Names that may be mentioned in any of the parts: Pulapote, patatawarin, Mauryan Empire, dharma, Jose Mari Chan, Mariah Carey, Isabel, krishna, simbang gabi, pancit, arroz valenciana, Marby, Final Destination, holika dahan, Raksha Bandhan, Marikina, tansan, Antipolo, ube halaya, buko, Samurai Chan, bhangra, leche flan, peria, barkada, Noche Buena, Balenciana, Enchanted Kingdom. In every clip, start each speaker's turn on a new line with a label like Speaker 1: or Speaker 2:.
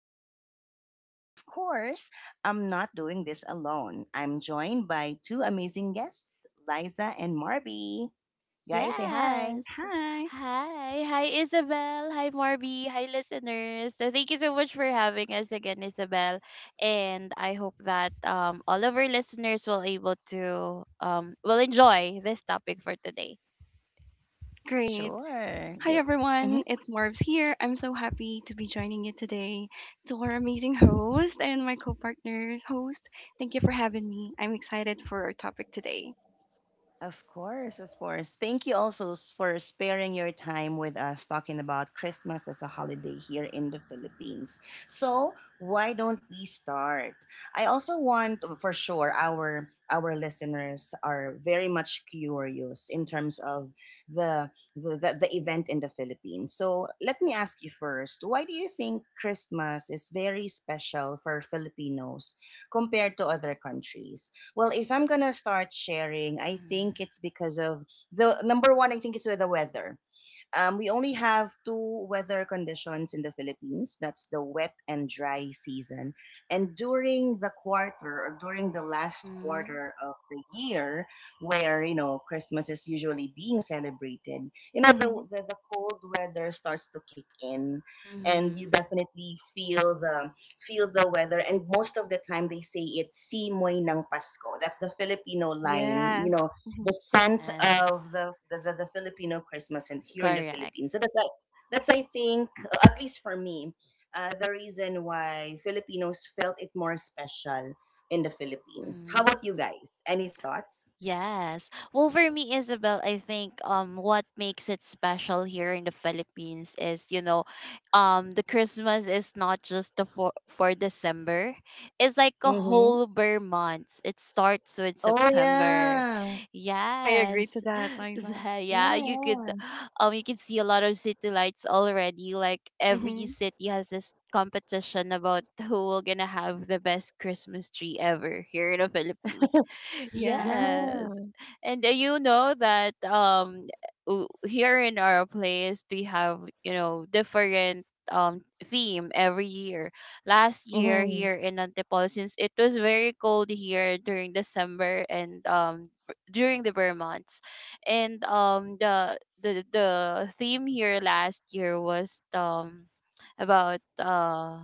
Speaker 1: in the Philippines. And of course, I'm not doing this alone. I'm joined by two amazing guests, Liza and Marby. Guys, say hi.
Speaker 2: Yes.
Speaker 3: Hi.
Speaker 2: Hi. Hi, Isabel. Hi, Marby. Hi, listeners. So thank you so much for having us again, Isabel. And I hope that all of our listeners will able to will enjoy this topic for today.
Speaker 3: Great.
Speaker 1: Sure.
Speaker 3: Hi everyone, it's Marbs here. I'm so happy to be joining you today. To our amazing host and my co-partner host, thank you for having me. I'm excited for our topic today.
Speaker 1: Of course, of course. Thank you also for sparing your time with us talking about Christmas as a holiday here in the Philippines. So, why don't we start? I also want for sure our listeners are very much curious in terms of the event in the Philippines. So, let me ask you first, why do you think Christmas is very special for Filipinos compared to other countries? Well, if I'm gonna start sharing, I
Speaker 2: Mm-hmm.
Speaker 1: think it's because of the number one. I think it's with the weather. We only have two weather conditions in the Philippines. That's the wet and dry season. And during the quarter or during the last quarter of the year, where, you know, Christmas is usually being celebrated, you know, the,
Speaker 3: Mm-hmm.
Speaker 1: the, the cold weather starts to kick in, and you
Speaker 2: Mm-hmm.
Speaker 1: definitely feel the weather and most of the time they say it's simoy ng Pasko. That's the Filipino line, you
Speaker 3: Yes.
Speaker 1: know,
Speaker 3: Hmm.
Speaker 1: the scent
Speaker 2: Yes.
Speaker 1: of the Filipino Christmas and here in the
Speaker 2: Correct.
Speaker 1: Philippines. So that's I think at least for me, the reason why Filipinos felt it more special in the Philippines. How
Speaker 2: Mm-hmm.
Speaker 1: about you guys? Any thoughts?
Speaker 2: Yes. Well, for me, Isabel, I think what makes it special here in the Philippines is, the Christmas is not just the for December. It's like a
Speaker 1: Mm-hmm.
Speaker 2: whole bare month. It starts with
Speaker 1: Oh
Speaker 2: September.
Speaker 1: yeah,
Speaker 3: I agree to
Speaker 2: Yes.
Speaker 3: that, Liza.
Speaker 2: Yeah,
Speaker 1: yeah,
Speaker 2: you could
Speaker 1: yeah,
Speaker 2: um you can see a lot of city lights already. Like every
Speaker 3: Mm-hmm.
Speaker 2: city has this competition about who will gonna have the best Christmas tree ever here in the Philippines.
Speaker 3: Yeah.
Speaker 2: Yes.
Speaker 1: yeah.
Speaker 2: And you know that here in our place we have, different theme every year. Last year
Speaker 1: Mm-hmm.
Speaker 2: here in Antipolo, since it was very cold here during December and during the Burr months. And the theme here last year was about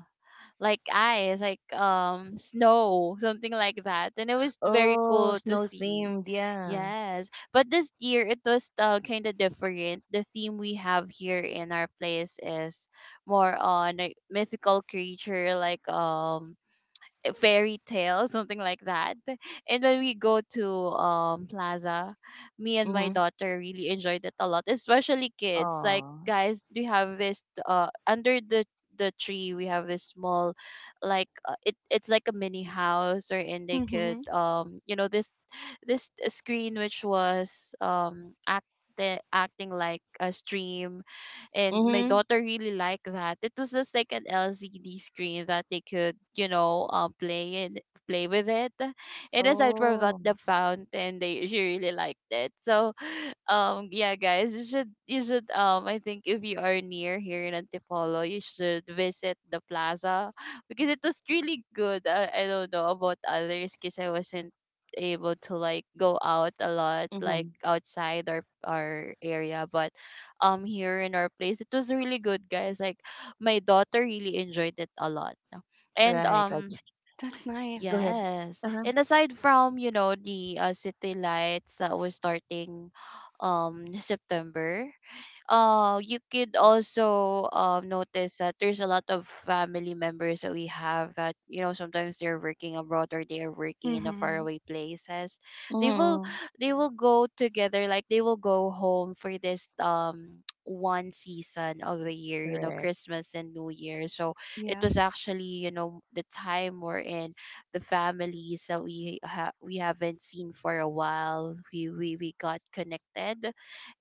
Speaker 2: like ice, like snow, something like that. And it was very
Speaker 1: Oh,
Speaker 2: cool to
Speaker 1: snow
Speaker 2: see.
Speaker 1: themed, yeah.
Speaker 2: Yes. But this year it was kind of different. The theme we have here in our place is more on a mythical creature like a fairy tale, something like that. And when we go to plaza, me and my
Speaker 1: Mm-hmm.
Speaker 2: daughter really enjoyed it a lot, especially kids. Like
Speaker 1: Oh.
Speaker 2: guys, we have this under the tree. We have this small, like, it's like a mini house, or, and they could
Speaker 3: Mm-hmm.
Speaker 2: this screen, which was acting like a stream, and my
Speaker 1: Mm-hmm.
Speaker 2: daughter really liked that. It was just like an LCD screen that they could, play with it. And aside from that,
Speaker 1: Oh.
Speaker 2: the fountain, they she really liked it. So, yeah, guys, you should I think if you are near here in Antipolo, you should visit the plaza because it was really good. I don't know about others because I wasn't able to, like, go out a lot, like,
Speaker 1: Mm-hmm.
Speaker 2: outside our area, but here in our place. It was really good, guys. Like my daughter really enjoyed it a lot. And
Speaker 1: Right, right.
Speaker 3: That's nice.
Speaker 1: Go ahead.
Speaker 2: yes.
Speaker 1: Uh-huh.
Speaker 2: And aside from, the city lights that was starting September, you could also notice that there's a lot of family members that we have, that sometimes they're working abroad, or they are working in a
Speaker 3: Mm-hmm.
Speaker 2: faraway places. they will
Speaker 1: Mm-hmm.
Speaker 2: they will go together, like they will go home for this one season of the year,
Speaker 1: Right.
Speaker 2: christmas and new year, so it was
Speaker 3: Yes.
Speaker 2: actually the time we're in, the families that we haven't seen for a while, we got connected.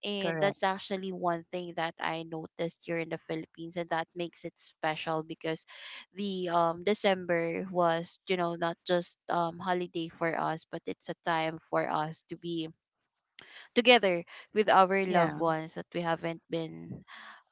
Speaker 2: And
Speaker 1: Correct.
Speaker 2: that's actually one thing that I noticed here in the Philippines, and that makes it special because the December was, not just holiday for us, but it's a time for us to be together with our
Speaker 1: Yeah,
Speaker 2: loved ones that we haven't been.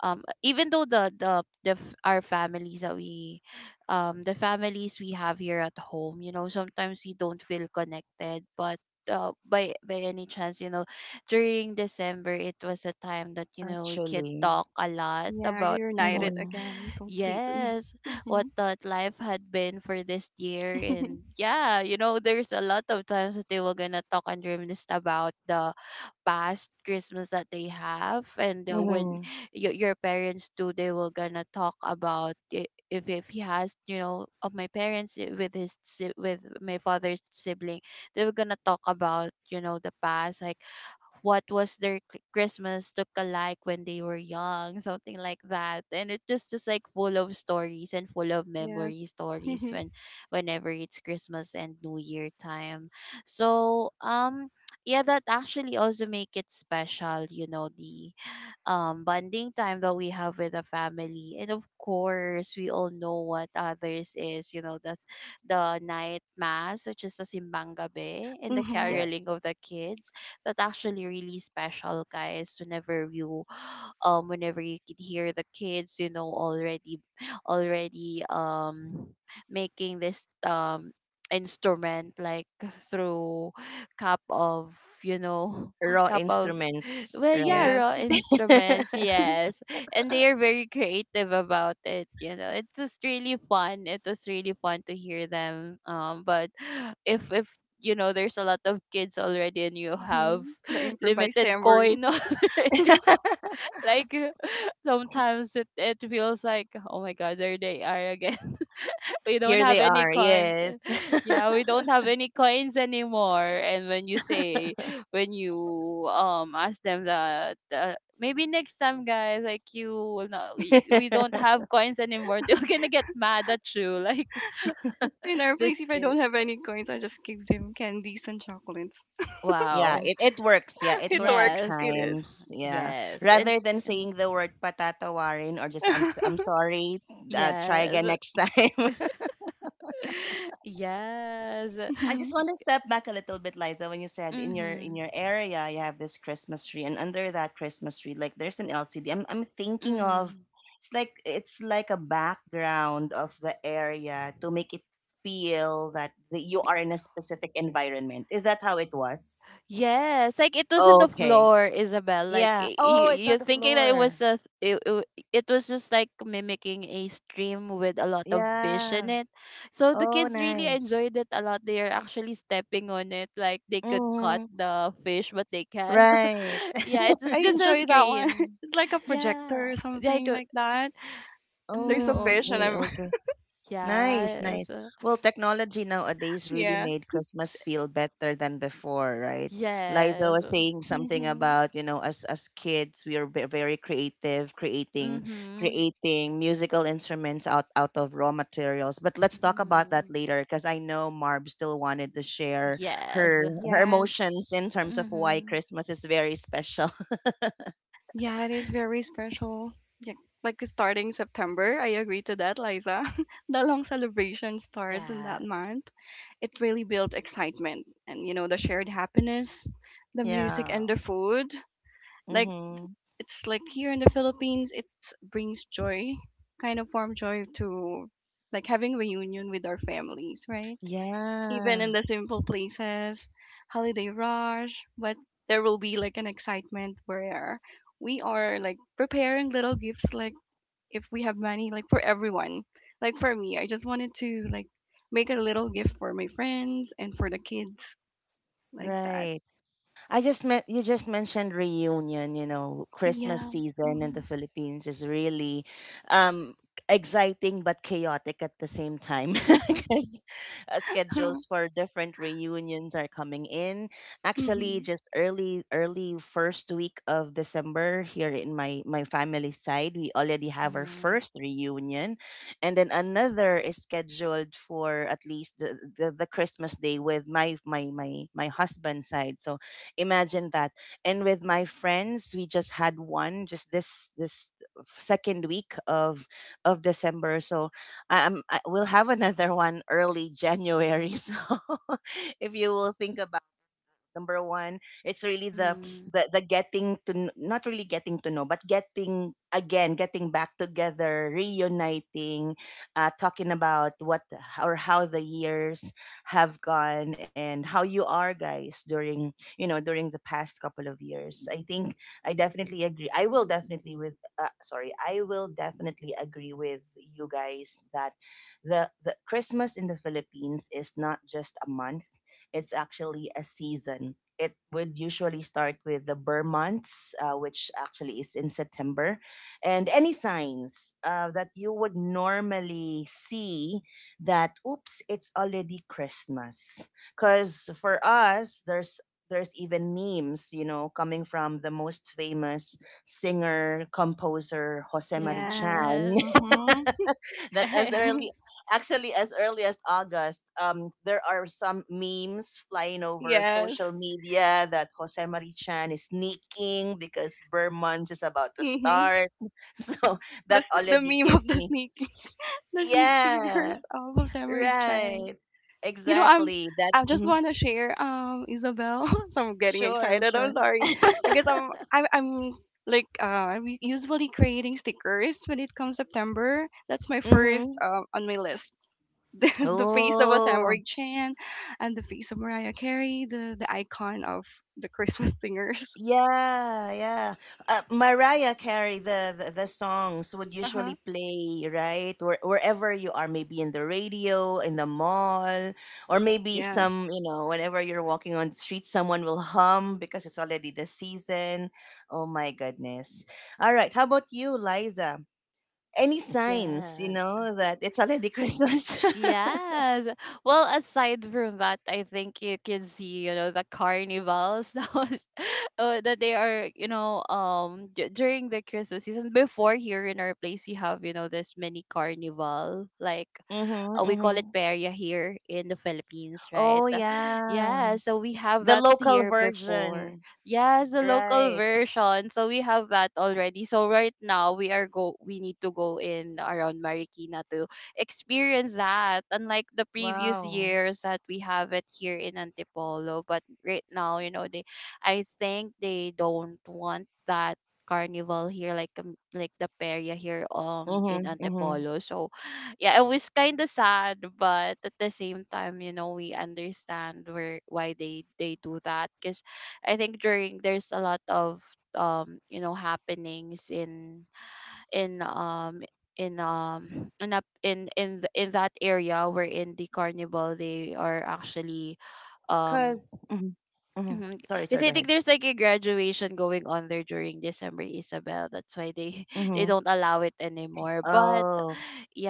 Speaker 2: Even though our families that we the families we have here at home, sometimes we don't feel connected, but by any chance, during december, it was a time that we could
Speaker 1: actually.
Speaker 2: talk a lot
Speaker 3: Yeah,
Speaker 2: about
Speaker 3: you're
Speaker 2: what,
Speaker 3: united
Speaker 1: Mm-hmm.
Speaker 3: again completely.
Speaker 2: yes,
Speaker 3: Mm-hmm.
Speaker 2: what that life had been for this year. And yeah, there's a lot of times that they were gonna talk and reminisce about the past Christmas that they have, and when
Speaker 1: Mm-hmm.
Speaker 2: your parents do, they will gonna talk about if he has, you know, of my parents I- with his si- with my father's sibling. They were gonna talk about, the past, like what was their Christmas look alike when they were young, something like that. And it just like full of stories and full of
Speaker 3: Yes.
Speaker 2: memory stories
Speaker 3: Mm-hmm.
Speaker 2: whenever it's Christmas and New Year time. So yeah, that actually also make it special. You know the bonding time that we have with the family. And of course, we all know what others is, that's the night mass, which is the simbang gabi and the
Speaker 3: Mm-hmm.
Speaker 1: Yes.
Speaker 2: caroling of the kids. That actually really special, guys. Whenever you could hear the kids, already, making this, instrument, like, through cup of you know
Speaker 1: Raw
Speaker 2: cup of,
Speaker 1: instruments,
Speaker 2: well, yeah,
Speaker 1: right?
Speaker 3: Yes.
Speaker 2: raw instruments, yes. And they are very creative about it. You know. It's just really fun. It was really fun to hear them. But if you know there's a lot of kids already, and you
Speaker 3: Mm-hmm.
Speaker 2: have
Speaker 3: The improvised
Speaker 2: limited
Speaker 3: tambourine.
Speaker 2: coin, like, sometimes it feels like, oh my god, there they are again. We don't
Speaker 1: Here they
Speaker 2: have any
Speaker 1: are.
Speaker 2: coins.
Speaker 1: Yes.
Speaker 2: Yeah, we don't have any coins anymore. And when you ask them that, maybe next time, guys, like, you will not, we don't have coins anymore, they're gonna get mad at you. Like
Speaker 3: In our
Speaker 2: this
Speaker 3: place, if I
Speaker 2: kid.
Speaker 3: don't have any coins, I just give them candies and chocolates.
Speaker 1: Yeah,
Speaker 2: Wow.
Speaker 1: it works. Yeah, it
Speaker 3: It
Speaker 1: works at
Speaker 3: works.
Speaker 2: Yes.
Speaker 3: It is.
Speaker 1: times. Yeah.
Speaker 2: Yes.
Speaker 1: Rather
Speaker 2: And
Speaker 1: than saying the word patatawarin or just I'm sorry, try again
Speaker 2: yes.
Speaker 1: next time.
Speaker 2: Yes.
Speaker 1: I just
Speaker 3: Oh,
Speaker 1: want to step back a little bit, Liza, when you said in your
Speaker 2: Mm-hmm.
Speaker 1: area you have this Christmas tree, and under that Christmas tree, like there's an LCD. I'm thinking of,
Speaker 2: Mm-hmm.
Speaker 1: it's like a background of the area to make it feel that you are in a specific environment. Is that how it was?
Speaker 2: Yes, like it was in the
Speaker 1: Okay.
Speaker 2: floor, Isabel. Like
Speaker 1: Yeah. Oh, it's on
Speaker 2: you're
Speaker 1: the
Speaker 2: thinking that
Speaker 1: floor.
Speaker 2: it was just like mimicking a stream with a lot of fish in
Speaker 1: Yeah.
Speaker 2: it. So the
Speaker 1: Oh,
Speaker 2: kids really
Speaker 1: nice.
Speaker 2: enjoyed it a lot. They are actually stepping on it, like they could cut
Speaker 1: Mm-hmm.
Speaker 2: the fish, but they can't.
Speaker 1: Right.
Speaker 2: Yeah, it's
Speaker 3: I
Speaker 2: just a
Speaker 3: enjoy that one.
Speaker 2: screen.
Speaker 3: It's like a
Speaker 2: Yeah,
Speaker 3: projector or
Speaker 2: like,
Speaker 3: something like that. There's a
Speaker 1: Oh,
Speaker 3: fish,
Speaker 2: mm-hmm.
Speaker 3: and
Speaker 1: okay,
Speaker 3: I'm
Speaker 1: okay. Nice,
Speaker 2: Yes,
Speaker 1: nice. Well, technology nowadays really
Speaker 3: yeah.
Speaker 1: made Christmas feel better than before, right? Liza
Speaker 2: yes,
Speaker 1: was saying something
Speaker 3: Hmm.
Speaker 1: about, you know, as kids, we are very creative, creating
Speaker 2: mm-hmm.
Speaker 1: musical instruments out of raw materials. But let's talk about
Speaker 2: Mm-hmm.
Speaker 1: that later because I know Marb still wanted to share
Speaker 2: Yes.
Speaker 1: her her
Speaker 3: Yes.
Speaker 1: emotions in terms of why
Speaker 2: Mm-hmm.
Speaker 1: Christmas is very special.
Speaker 3: Yeah, it is very special. Yeah, like starting September, I agree to that, Liza. The long celebration starts in that
Speaker 2: Yeah.
Speaker 3: month. It really built excitement and the shared happiness, the music
Speaker 1: Yeah.
Speaker 3: and the food. Like,
Speaker 1: Mhm.
Speaker 3: it's like here in the Philippines, it brings joy, kind of warm joy to, like, having reunion with our families, right? Even in
Speaker 1: Yeah.
Speaker 3: the simple places, holiday rush, but there will be like an excitement where we are like preparing little gifts, like if we have money, like for everyone. Like for me, I just wanted to like make a little gift for my friends and for the kids, like that.
Speaker 1: Right. I just met You just mentioned reunion. You know, Christmas
Speaker 3: Yeah.
Speaker 1: season in the
Speaker 3: Hmm.
Speaker 1: Philippines is really, um exciting but chaotic at the same time, because, schedules for different reunions are coming in. Actually,
Speaker 3: Hmm.
Speaker 1: just early first week of December here in my family side, we already have our
Speaker 2: Mhm.
Speaker 1: first reunion, and then another is scheduled for at least the Christmas day with my husband's side. So, imagine that. And with my friends, we just had one just this second week of December. So, we'll have another one early January. So, if you will think about number one, it's really the
Speaker 2: Mhm.
Speaker 1: getting to not really getting to know, but getting, again, getting back together, reuniting, talking about what or how the years have gone, and how you are guys during, you know, during the past couple of years. I think, I definitely agree, I will definitely, with sorry, I will definitely agree with you guys that the Christmas in the Philippines is not just a month, it's actually a season. It would usually start with the Burr months, which actually is in September. And any signs, that you would normally see that, oops, it's already Christmas. Because for us, there's even memes, you know, coming from the most famous singer composer Jose Mari Chan,
Speaker 3: Yes.
Speaker 2: Yes.
Speaker 3: Hmm.
Speaker 1: that as
Speaker 2: Correct.
Speaker 1: early actually as early as August, there are some memes flying over
Speaker 3: Yes.
Speaker 1: social media that Jose Marichan is sneaking because Burr month is about to
Speaker 3: Mhm.
Speaker 1: start. So
Speaker 3: The
Speaker 1: that
Speaker 3: s- the
Speaker 1: already
Speaker 3: meme of
Speaker 1: gives
Speaker 3: the
Speaker 1: me,
Speaker 3: sneak, the sneak
Speaker 1: yeah,
Speaker 3: fingers of Samurai Chan.
Speaker 1: right,
Speaker 3: You know, I'm
Speaker 1: exactly that,
Speaker 3: I just
Speaker 1: mhm.
Speaker 3: want to share Isabel. So I'm getting
Speaker 1: Sure,
Speaker 3: excited. I'm
Speaker 1: sure,
Speaker 3: sorry because I'm like usually creating stickers when it comes September. That's my first
Speaker 1: mm-hmm.
Speaker 3: on my list. The, the face of a Samurai
Speaker 1: Oh,
Speaker 3: Chan and the face of Mariah Carey, the icon of the Christmas singers.
Speaker 1: yeah, yeah. Mariah Carey, the songs would
Speaker 3: Uh
Speaker 1: usually
Speaker 3: huh.
Speaker 1: play, right? Wherever you are, maybe in the radio, in the mall, or maybe
Speaker 3: Yes.
Speaker 1: some, you know, whenever you're walking on the street, someone will hum because it's already the season. Oh my goodness! All right, how about you, Liza? Any signs, you
Speaker 2: Yes.
Speaker 1: know, that it's already Christmas?
Speaker 2: Yes. Well, aside from that, I think you can see, the carnivals that they are, during the Christmas season. Before here in our place, we have, this mini carnival, like,
Speaker 1: Mm-hmm,
Speaker 2: we call
Speaker 1: mm-hmm.
Speaker 2: it peria here in the Philippines,
Speaker 1: Oh
Speaker 2: right?
Speaker 1: yeah,
Speaker 2: Yeah, so we have
Speaker 1: the
Speaker 2: that
Speaker 1: local
Speaker 2: here before.
Speaker 1: version,
Speaker 2: Yes, the local
Speaker 1: right?
Speaker 2: version. So we have that already. So right now we need to go in around Marikina to experience that. Unlike the previous
Speaker 1: Wow.
Speaker 2: years that we have it here in Antipolo, but right now, they I think they don't want that carnival here, like the peria here in
Speaker 1: Mhm, mhm.
Speaker 2: Antipolo. So yeah, it was kind of sad, but at the same time, we understand where why they do that, because I think during there's a lot of happenings in um in up in in that area, where in the carnival they are actually. um
Speaker 1: 'Cause mhm, mhm. Sorry, sorry,
Speaker 2: because
Speaker 1: go
Speaker 2: I
Speaker 1: ahead.
Speaker 2: think there's like a graduation going on there during December, Isabel. That's why they they
Speaker 1: Mhm.
Speaker 2: don't allow it anymore. But
Speaker 1: Oh,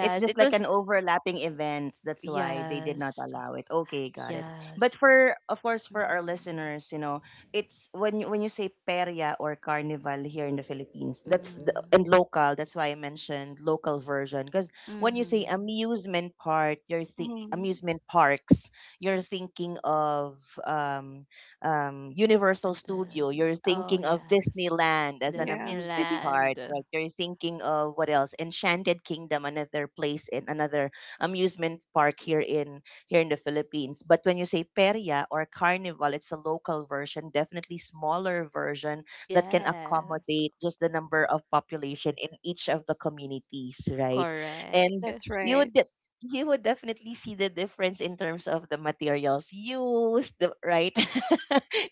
Speaker 1: it's just
Speaker 2: it
Speaker 1: like
Speaker 2: was.
Speaker 1: an overlapping event. That's why they did not
Speaker 2: Yes,
Speaker 1: allow it. Okay, got it. But
Speaker 2: yes.
Speaker 1: for, of course, for our
Speaker 2: Mm-hmm.
Speaker 1: listeners, you know, it's when you, say perya or carnival here in the Philippines, that's the,
Speaker 2: Mm-hmm.
Speaker 1: and local. That's why I mentioned local version, because when you say
Speaker 2: Mm-hmm.
Speaker 1: amusement park, you're
Speaker 3: Mhm.
Speaker 1: amusement parks, you're thinking of, um, Universal Studio.
Speaker 2: Haunted.
Speaker 1: You're
Speaker 2: Oh,
Speaker 1: thinking of
Speaker 2: yes.
Speaker 1: Disneyland as an
Speaker 3: Yeah.
Speaker 1: amusement park,
Speaker 2: Disneyland.
Speaker 1: right? You're thinking of what else? Enchanted Kingdom, another place, in another amusement park here in the Philippines. But when you say Peria or Carnival, it's a local version, definitely smaller version, that can
Speaker 2: Yes,
Speaker 1: accommodate just the number of population in each of the communities, right? And
Speaker 2: correct.
Speaker 3: That's
Speaker 1: you
Speaker 3: right.
Speaker 1: would you would definitely see the difference in terms of the materials used, the, right?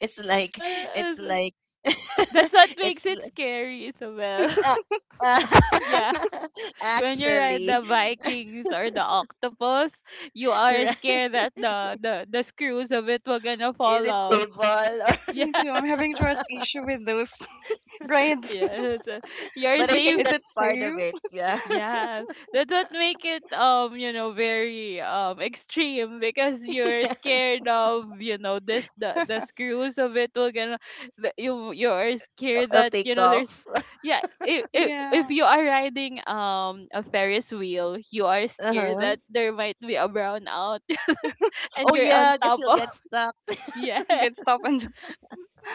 Speaker 1: It's like it's
Speaker 2: Yes.
Speaker 1: like
Speaker 2: That's what
Speaker 1: it's
Speaker 2: makes it
Speaker 1: like,
Speaker 2: scary, Isabel.
Speaker 1: uh, uh,
Speaker 2: Yeah, when you ride
Speaker 1: actually,
Speaker 2: the Vikings or the octopus, you are
Speaker 1: right?
Speaker 2: scared that the screws of it were gonna
Speaker 1: Is
Speaker 2: fall
Speaker 1: it
Speaker 2: off.
Speaker 1: stable, or
Speaker 3: Me too. I'm having trust issue with those grades.
Speaker 2: Yeah, yes. You're
Speaker 1: but I
Speaker 2: safe.
Speaker 1: think
Speaker 3: Is it
Speaker 1: that's part of it,
Speaker 3: safe?
Speaker 1: yeah.
Speaker 2: Yeah, that would make it very extreme because you're
Speaker 1: Yeah.
Speaker 2: scared of, this the screws of it will gonna, that you are scared
Speaker 1: It'll
Speaker 2: that,
Speaker 1: take
Speaker 2: there's,
Speaker 1: off.
Speaker 2: yeah, if
Speaker 3: Yeah,
Speaker 2: you are riding a Ferris wheel, you are scared
Speaker 1: Uh-huh.
Speaker 2: that there might be a brownout, and
Speaker 1: Oh
Speaker 2: you're on
Speaker 1: yeah, I guess
Speaker 2: top
Speaker 1: you'll
Speaker 2: of.
Speaker 1: get stuck,
Speaker 2: Yeah,
Speaker 3: get stop and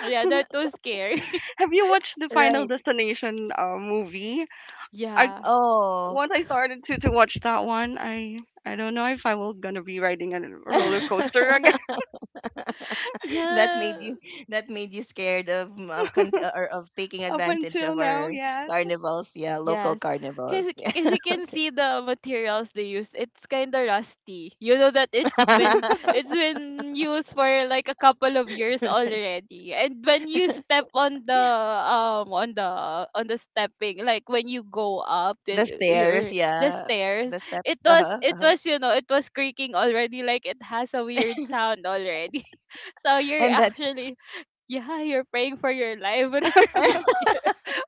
Speaker 2: yeah, that was scary.
Speaker 3: have you watched the Final
Speaker 1: right?
Speaker 3: Destination movie? I
Speaker 2: Yeah,
Speaker 1: Oh.
Speaker 3: Once I started to watch that one, I don't know if I will gonna be riding a roller coaster again.
Speaker 1: That
Speaker 2: yeah.
Speaker 1: made you, scared of or of taking
Speaker 3: Up
Speaker 1: advantage
Speaker 3: until
Speaker 1: of
Speaker 3: now,
Speaker 1: our
Speaker 3: yes.
Speaker 1: carnivals, yeah, local
Speaker 2: Yes, because
Speaker 1: carnivals.
Speaker 2: you can see the materials they use. It's kind of rusty. You know that it's been used for like a couple of years already. And when you step on the stepping, like when you go up and
Speaker 1: The stairs,
Speaker 2: your the
Speaker 1: yeah, the
Speaker 2: stairs,
Speaker 1: steps, uh-huh, uh-huh.
Speaker 2: it was creaking already. Like it has a weird sound already. So you're
Speaker 1: And that's
Speaker 2: actually yeah, you're praying for your life whenever you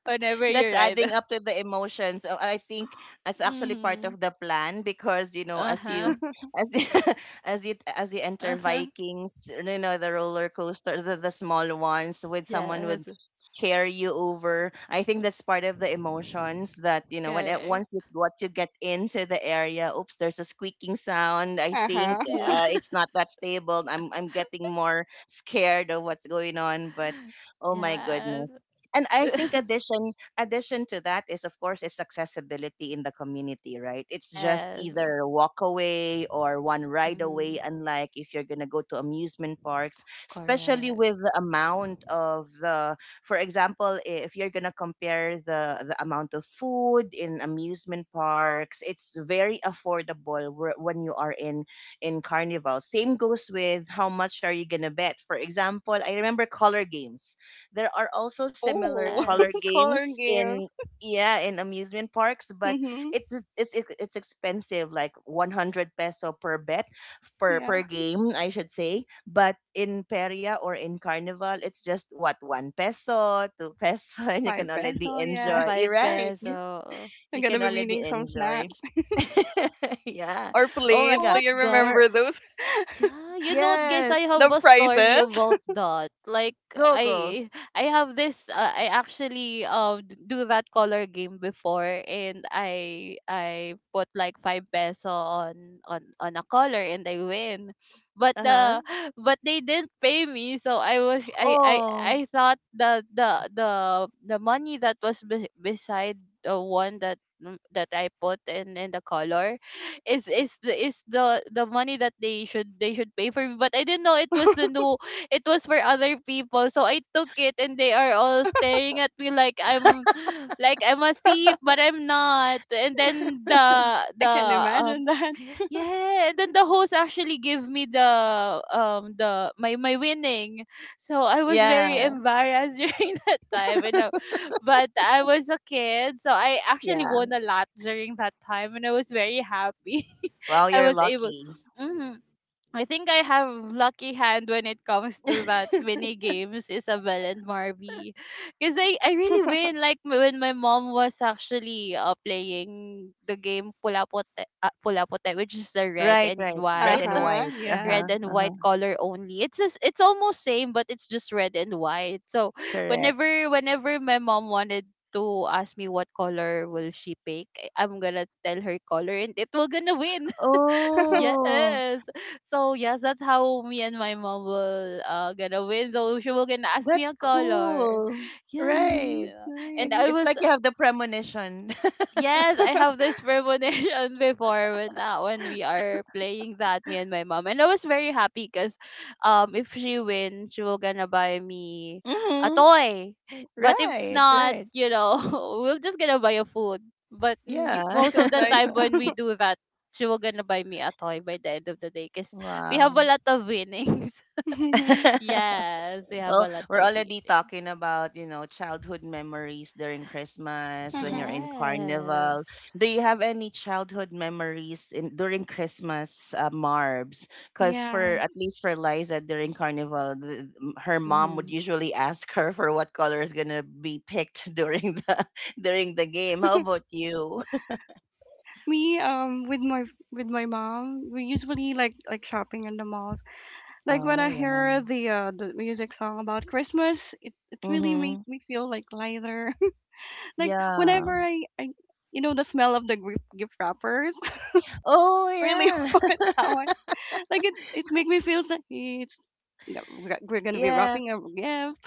Speaker 2: whenever you
Speaker 1: that's
Speaker 2: ride.
Speaker 1: adding up to the emotions. So I think that's actually part
Speaker 2: Mm-hmm.
Speaker 1: of the plan, because you know,
Speaker 2: Uh-huh.
Speaker 1: as you- as you enter
Speaker 2: Uh-huh.
Speaker 1: Vikings, you know, the roller coaster, the small ones, with someone would
Speaker 2: Yes.
Speaker 1: scare you over. I think that's part of the emotions that, you know, when it,
Speaker 2: Correct.
Speaker 1: once you, what you get into the area. Oops, there's a squeaking sound. I
Speaker 3: Uh
Speaker 1: think,
Speaker 3: huh.
Speaker 2: Yeah.
Speaker 1: it's not that stable. I'm getting more scared of what's going on, but, oh my
Speaker 2: Yes.
Speaker 1: goodness. And I think, addition to that is, of course, its accessibility in the community, right? It's just
Speaker 2: Yes.
Speaker 1: either walk away or one ride
Speaker 2: Mm,
Speaker 1: away, unlike if you're going to go to amusement parks, especially with
Speaker 2: correct.
Speaker 1: the amount of the, for example, if you're going to compare the amount of food in amusement parks, it's very affordable, when you are in carnival same goes with how much are you going to bet, for example, I remember color games. There are also similar
Speaker 3: Oh,
Speaker 1: color
Speaker 2: Yes.
Speaker 3: color
Speaker 1: games
Speaker 3: games.
Speaker 1: in, yeah, in amusement parks, but
Speaker 3: Mhm.
Speaker 1: it's expensive, like 100 peso per bet, per
Speaker 3: Yeah,
Speaker 1: per game, I should say. But in Peria or in Carnival, it's just what, 1 peso, 2 peso, and you
Speaker 3: five
Speaker 1: can already
Speaker 3: peso.
Speaker 2: Yes,
Speaker 3: Yeah,
Speaker 1: enjoy. You're
Speaker 2: five
Speaker 1: right,
Speaker 2: peso.
Speaker 3: I'm
Speaker 1: you
Speaker 3: gonna
Speaker 1: can
Speaker 3: be
Speaker 1: already
Speaker 3: eating some
Speaker 1: enjoy.
Speaker 3: snacks
Speaker 1: Yeah.
Speaker 3: or
Speaker 1: Oh
Speaker 2: You know
Speaker 1: my
Speaker 3: plates.
Speaker 1: God,
Speaker 3: Do
Speaker 2: what,
Speaker 3: you
Speaker 2: guys?
Speaker 1: we're,
Speaker 3: remember those?
Speaker 2: Yeah, you know what, guys, I
Speaker 1: yes,
Speaker 2: have
Speaker 3: The
Speaker 2: a story
Speaker 3: prices.
Speaker 2: about that. Like
Speaker 1: go, go.
Speaker 2: I I have this I actually do that color game before, and I put like 5 peso on a color and I win. But
Speaker 1: Uh
Speaker 2: uh
Speaker 1: huh.
Speaker 2: but they didn't pay me, so I was
Speaker 1: Oh,
Speaker 2: I thought that the money that was beside the one, that I put in the color is the money that they should pay for me. But I didn't know, it was a, no, it was for other people, so I took it, and they are all staring at me like I'm like I'm a thief, but I'm not. And then
Speaker 3: I
Speaker 2: the
Speaker 3: can imagine that.
Speaker 2: yeah, and then the host actually gave me the my winning. So I was very
Speaker 1: yeah,
Speaker 2: embarrassed during that time. But I was a kid, so I actually won
Speaker 1: yeah.
Speaker 2: a lot during that time, and I was very happy.
Speaker 1: Well,
Speaker 2: I
Speaker 1: you're
Speaker 2: was able.
Speaker 1: lucky.
Speaker 2: hmm I think I have lucky hand when it comes to that mini games, Isabel and Marby. Because I really win. Like when my mom was actually playing the game Pulapote, Pulapote, which is the
Speaker 1: Right, right.
Speaker 3: Uh
Speaker 1: Red and
Speaker 3: huh.
Speaker 1: white.
Speaker 3: Yeah.
Speaker 2: red
Speaker 1: Uh-huh.
Speaker 2: and
Speaker 1: Uh-huh.
Speaker 2: white color only. It's just, it's almost same, but it's just red and white. So
Speaker 1: Correct.
Speaker 2: whenever my mom wanted to ask me what color will she pick, I'm gonna tell her color and it will gonna win.
Speaker 1: Oh,
Speaker 2: Yes. So yes, that's how me and my mom will gonna win. So she will gonna ask me a
Speaker 1: that's
Speaker 2: color.
Speaker 1: cool.
Speaker 2: Yeah,
Speaker 3: Mhm.
Speaker 1: Right.
Speaker 2: yeah.
Speaker 1: It,
Speaker 2: And
Speaker 3: Nice.
Speaker 2: I
Speaker 1: it's
Speaker 2: was
Speaker 1: like you have the premonition.
Speaker 2: Yes, I have this premonition before, when we are playing that, me and my mom, and I was very happy because, if she wins, she will gonna buy me a
Speaker 1: Mm-hmm.
Speaker 2: toy, but if
Speaker 1: Right,
Speaker 2: not,
Speaker 1: right.
Speaker 2: we'll just gonna buy a food. But
Speaker 1: Yeah.
Speaker 2: most
Speaker 3: That's
Speaker 2: of the
Speaker 3: nice.
Speaker 2: time when we do that, she will gonna buy me a toy by the end of the day because we have a
Speaker 1: Wow.
Speaker 2: lot of winnings.
Speaker 3: Mhm.
Speaker 2: Yes, we have
Speaker 1: Well,
Speaker 2: a lot
Speaker 1: we're
Speaker 2: of
Speaker 1: already
Speaker 2: winnings.
Speaker 1: talking about, you know, childhood memories during Christmas
Speaker 3: Uh
Speaker 1: when you're
Speaker 3: huh.
Speaker 1: in
Speaker 2: Yes.
Speaker 1: carnival. Do you have any childhood memories in, during Christmas, Marbs? Because
Speaker 3: Yeah.
Speaker 1: for, at least for Liza, during carnival, her mom
Speaker 2: Mm-hmm.
Speaker 1: would usually ask her for what color is gonna be picked during the game. How about you?
Speaker 3: Me with my mom, we usually like shopping in the malls. Like when I
Speaker 1: Oh yeah.
Speaker 3: hear the music song about Christmas, it really made
Speaker 1: Mm-hmm.
Speaker 3: me feel like lighter. Like
Speaker 1: Yeah.
Speaker 3: whenever I the smell of the gift wrappers,
Speaker 1: Oh
Speaker 3: I really
Speaker 1: yeah.
Speaker 3: want that one. Like, it make me feel so it's yeah, we're gonna be
Speaker 1: Yeah.
Speaker 3: wrapping our gifts.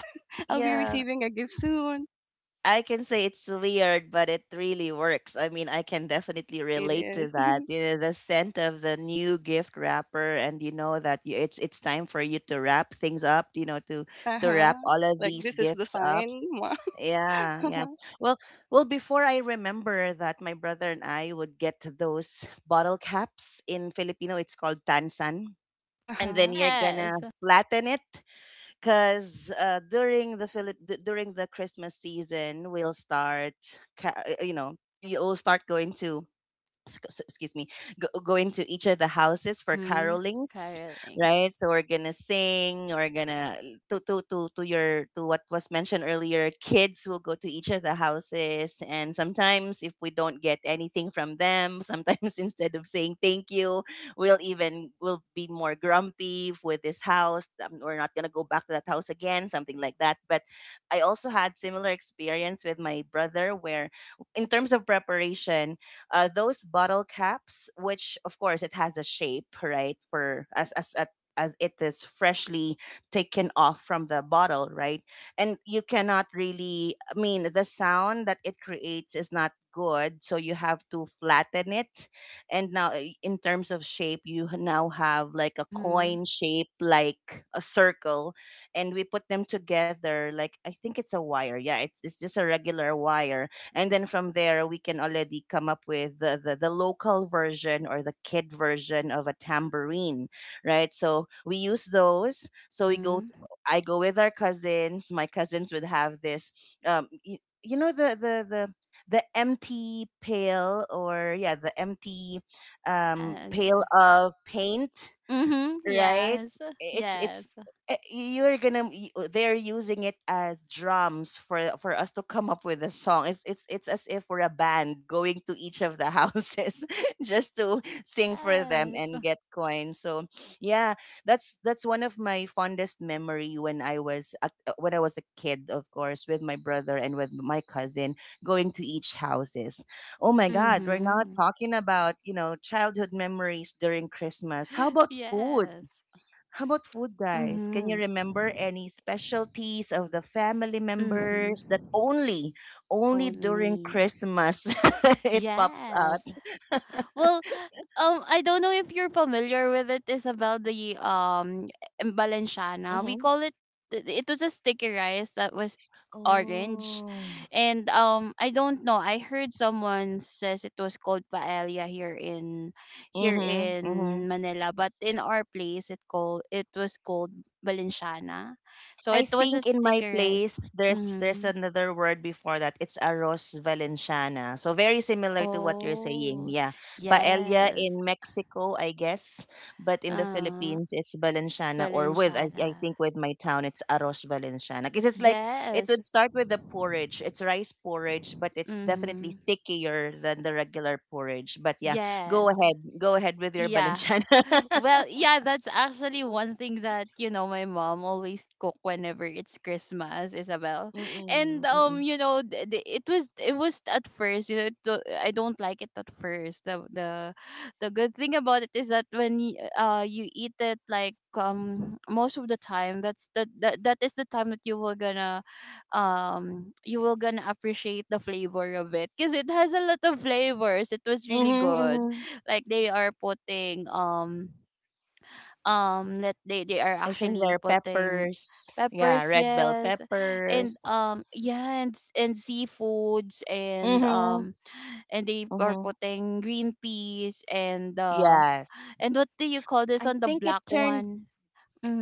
Speaker 3: I'll be
Speaker 1: Yeah.
Speaker 3: receiving a gift soon.
Speaker 1: I can say it's weird, but it really works. I mean, I can definitely
Speaker 3: It
Speaker 1: relate
Speaker 3: is.
Speaker 1: to that. You know, the scent of the new gift wrapper, and you know that you, it's time for you to wrap things up. You know, to
Speaker 3: Uh
Speaker 1: to
Speaker 3: huh.
Speaker 1: wrap all of
Speaker 3: Like
Speaker 1: these
Speaker 3: this is the
Speaker 1: gifts up.
Speaker 3: sign.
Speaker 1: Yeah,
Speaker 3: Uh
Speaker 1: yeah. Well, before I remember that, my brother and I would get those bottle caps in Filipino. It's called tansan, and then
Speaker 3: huh.
Speaker 1: you're gonna
Speaker 2: Yes.
Speaker 1: flatten it because during the during the Christmas season, we'll start, ca- uh, you know, you'll start going to excuse me, going to each of the houses for
Speaker 2: Mhm.
Speaker 1: carolings.
Speaker 2: Carol Inks.
Speaker 1: Right, so we're gonna sing we're gonna to what was mentioned earlier, kids will go to each of the houses, and sometimes if we don't get anything from them, sometimes instead of saying thank you, we'll be more grumpy with this house. We're not gonna go back to that house again, something like that. But I also had similar experience with my brother where, in terms of preparation, those bottle caps, which of course it has a shape, right? For as a as it is freshly taken off from the bottle, right? And you cannot really, I mean, the sound that it creates is not good. So you have to flatten it. And now, in terms of shape, you now have like a
Speaker 2: Mhm.
Speaker 1: coin shape, like a circle. And we put them together, like I think it's a wire. Yeah, it's just a regular wire, and then from there we can already come up with the, the local version, or the kid version of a tambourine. Right, so we use those. So we go,
Speaker 2: Mhm.
Speaker 1: I go with our cousins. My cousins would have this, you know the the empty pail, or yeah, the empty, pail
Speaker 2: Yes.
Speaker 1: of paint,
Speaker 2: Mhm.
Speaker 1: right?
Speaker 2: Yes. Yes.
Speaker 1: It's eh, you're gonna y- they're using it as drums, for us to come up with a song. It's as if we're a band going to each of the houses just to sing for them
Speaker 2: Yes.
Speaker 1: and get coins. So yeah, that's one of my fondest memory when I was a kid, of course, with my brother and with my cousin, going to each houses. Oh my God, we're not
Speaker 2: Mhm.
Speaker 1: talking about, you know, childhood memories during Christmas. How about food?
Speaker 2: Yes.
Speaker 1: How about food, guys? Can you
Speaker 2: Mhm.
Speaker 1: remember any specialties of the family
Speaker 2: Mhm.
Speaker 1: members that only during
Speaker 2: Only.
Speaker 1: Christmas it pops out?
Speaker 2: Yes. Well, I don't know if you're familiar with it, Isabel, the
Speaker 1: Mm-hmm.
Speaker 2: Balenciana. We call it, it was a sticky rice that was
Speaker 1: Oh.
Speaker 2: orange. And I don't know. I heard someone says it was called paella here in, here
Speaker 1: Mm-hmm.
Speaker 2: in Manila, but in our place it was called Balenciana. So
Speaker 1: I
Speaker 2: it was a
Speaker 1: think in my
Speaker 2: sticky rice.
Speaker 1: place there's
Speaker 2: Mm-hmm.
Speaker 1: another word before that. It's arroz valenciana. So very similar to what you're saying.
Speaker 2: Oh,
Speaker 1: Yeah. Paella
Speaker 2: yes.
Speaker 1: in Mexico, I guess, but in the
Speaker 2: Uh
Speaker 1: Philippines it's valenciana, or with, I
Speaker 2: Balenciana.
Speaker 1: think with my town it's arroz valenciana, because it's like it
Speaker 2: Yes.
Speaker 1: would start with the porridge. It's rice porridge, but it's definitely
Speaker 2: Mm-hmm.
Speaker 1: stickier than the regular porridge. But yeah, go
Speaker 2: Yes.
Speaker 1: ahead. Go ahead with your
Speaker 2: Yeah.
Speaker 1: valenciana.
Speaker 2: Well, yeah, that's actually one thing that, you know, my mom always cook whenever it's Christmas, Isabel. And
Speaker 1: Mm-mm, mm-mm.
Speaker 2: you know, it was, at first, you know, I don't like it at first. The good thing about it is that when you eat it, like, most of the time, that is the time that you will gonna appreciate the flavor of it, because it has a lot of flavors. It was really
Speaker 1: Mm-hmm,
Speaker 2: good,
Speaker 1: mm-hmm.
Speaker 2: like they are putting, let they are
Speaker 1: I think
Speaker 2: actually
Speaker 1: they're
Speaker 2: putting
Speaker 1: peppers. Yeah,
Speaker 2: peppers.
Speaker 1: red bell
Speaker 2: Yes. And
Speaker 1: peppers.
Speaker 2: yeah, and seafoods, and
Speaker 1: Mhm.
Speaker 2: they are
Speaker 1: Mhm.
Speaker 2: putting green peas, and
Speaker 1: Yes.
Speaker 2: what do you call this
Speaker 1: I
Speaker 2: on the
Speaker 1: think it
Speaker 2: black
Speaker 1: turned
Speaker 2: one?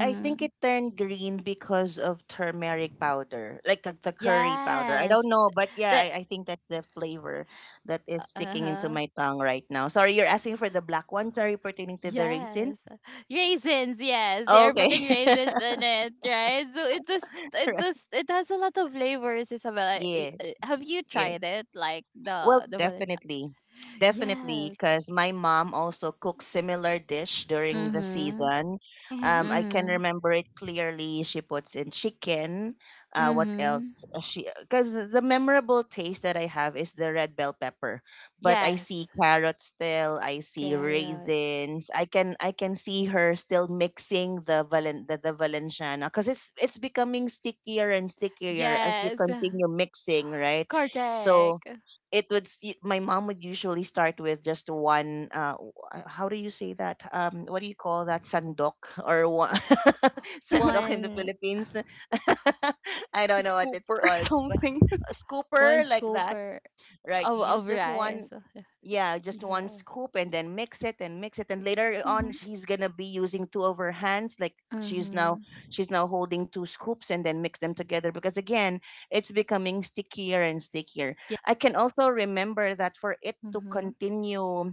Speaker 1: I think it turned green because of turmeric powder, like the curry powder. I don't
Speaker 2: Yes,
Speaker 1: know, but yeah,
Speaker 2: that.
Speaker 1: I think that's the flavor that is sticking into
Speaker 2: Uh-huh.
Speaker 1: my tongue right now. Sorry, you're asking for the black ones. Are you pertaining to the
Speaker 2: Yes.
Speaker 1: raisins?
Speaker 2: Raisins, yes. They are
Speaker 1: Okay.
Speaker 2: putting raisins in it, right? So it does, it
Speaker 1: Right.
Speaker 2: does, it has a lot of flavors, Isabella.
Speaker 1: Yes.
Speaker 2: Have you tried
Speaker 1: Yes.
Speaker 2: it? Like
Speaker 1: Well,
Speaker 2: the banana.
Speaker 1: definitely. Definitely,
Speaker 2: Yes.
Speaker 1: because my mom also cooks similar dish during the
Speaker 2: Mm-hmm.
Speaker 1: season.
Speaker 3: Mm-hmm.
Speaker 1: I can
Speaker 2: Mm-hmm.
Speaker 1: remember it clearly. She puts in chicken. What
Speaker 2: Mm-hmm.
Speaker 1: else? She, because the memorable taste that I have is the red bell pepper, but I see
Speaker 2: Yes.
Speaker 1: carrots still. I see
Speaker 2: Carrots.
Speaker 1: raisins. I can see her still mixing the Valenciana because it's becoming stickier and stickier as you
Speaker 2: Yes.
Speaker 1: continue mixing, right? So
Speaker 2: Correct.
Speaker 1: it would s- y- my mom would usually start with just one how do you say that, what do you call that, sandok, or one
Speaker 3: The
Speaker 1: sandok in the
Speaker 2: One
Speaker 1: Philippines. I don't know what
Speaker 3: scooper
Speaker 1: it's
Speaker 3: or
Speaker 1: called, but
Speaker 3: something.
Speaker 1: a
Speaker 2: one
Speaker 1: scooper like
Speaker 2: scoop
Speaker 1: that,
Speaker 2: of,
Speaker 1: right? Use
Speaker 2: of
Speaker 1: this
Speaker 2: rice.
Speaker 1: one. Yeah, just one
Speaker 2: Yeah.
Speaker 1: scoop, and then mix it and mix it, and later on
Speaker 3: Mm-hmm.
Speaker 1: she's gonna be using two of her hands, like she's now,
Speaker 2: Mm-hmm.
Speaker 1: she's now holding two scoops and then mix them together, because again it's becoming stickier and stickier.
Speaker 2: Yeah.
Speaker 1: I can also remember that, for it to
Speaker 2: Mm-hmm.
Speaker 1: continue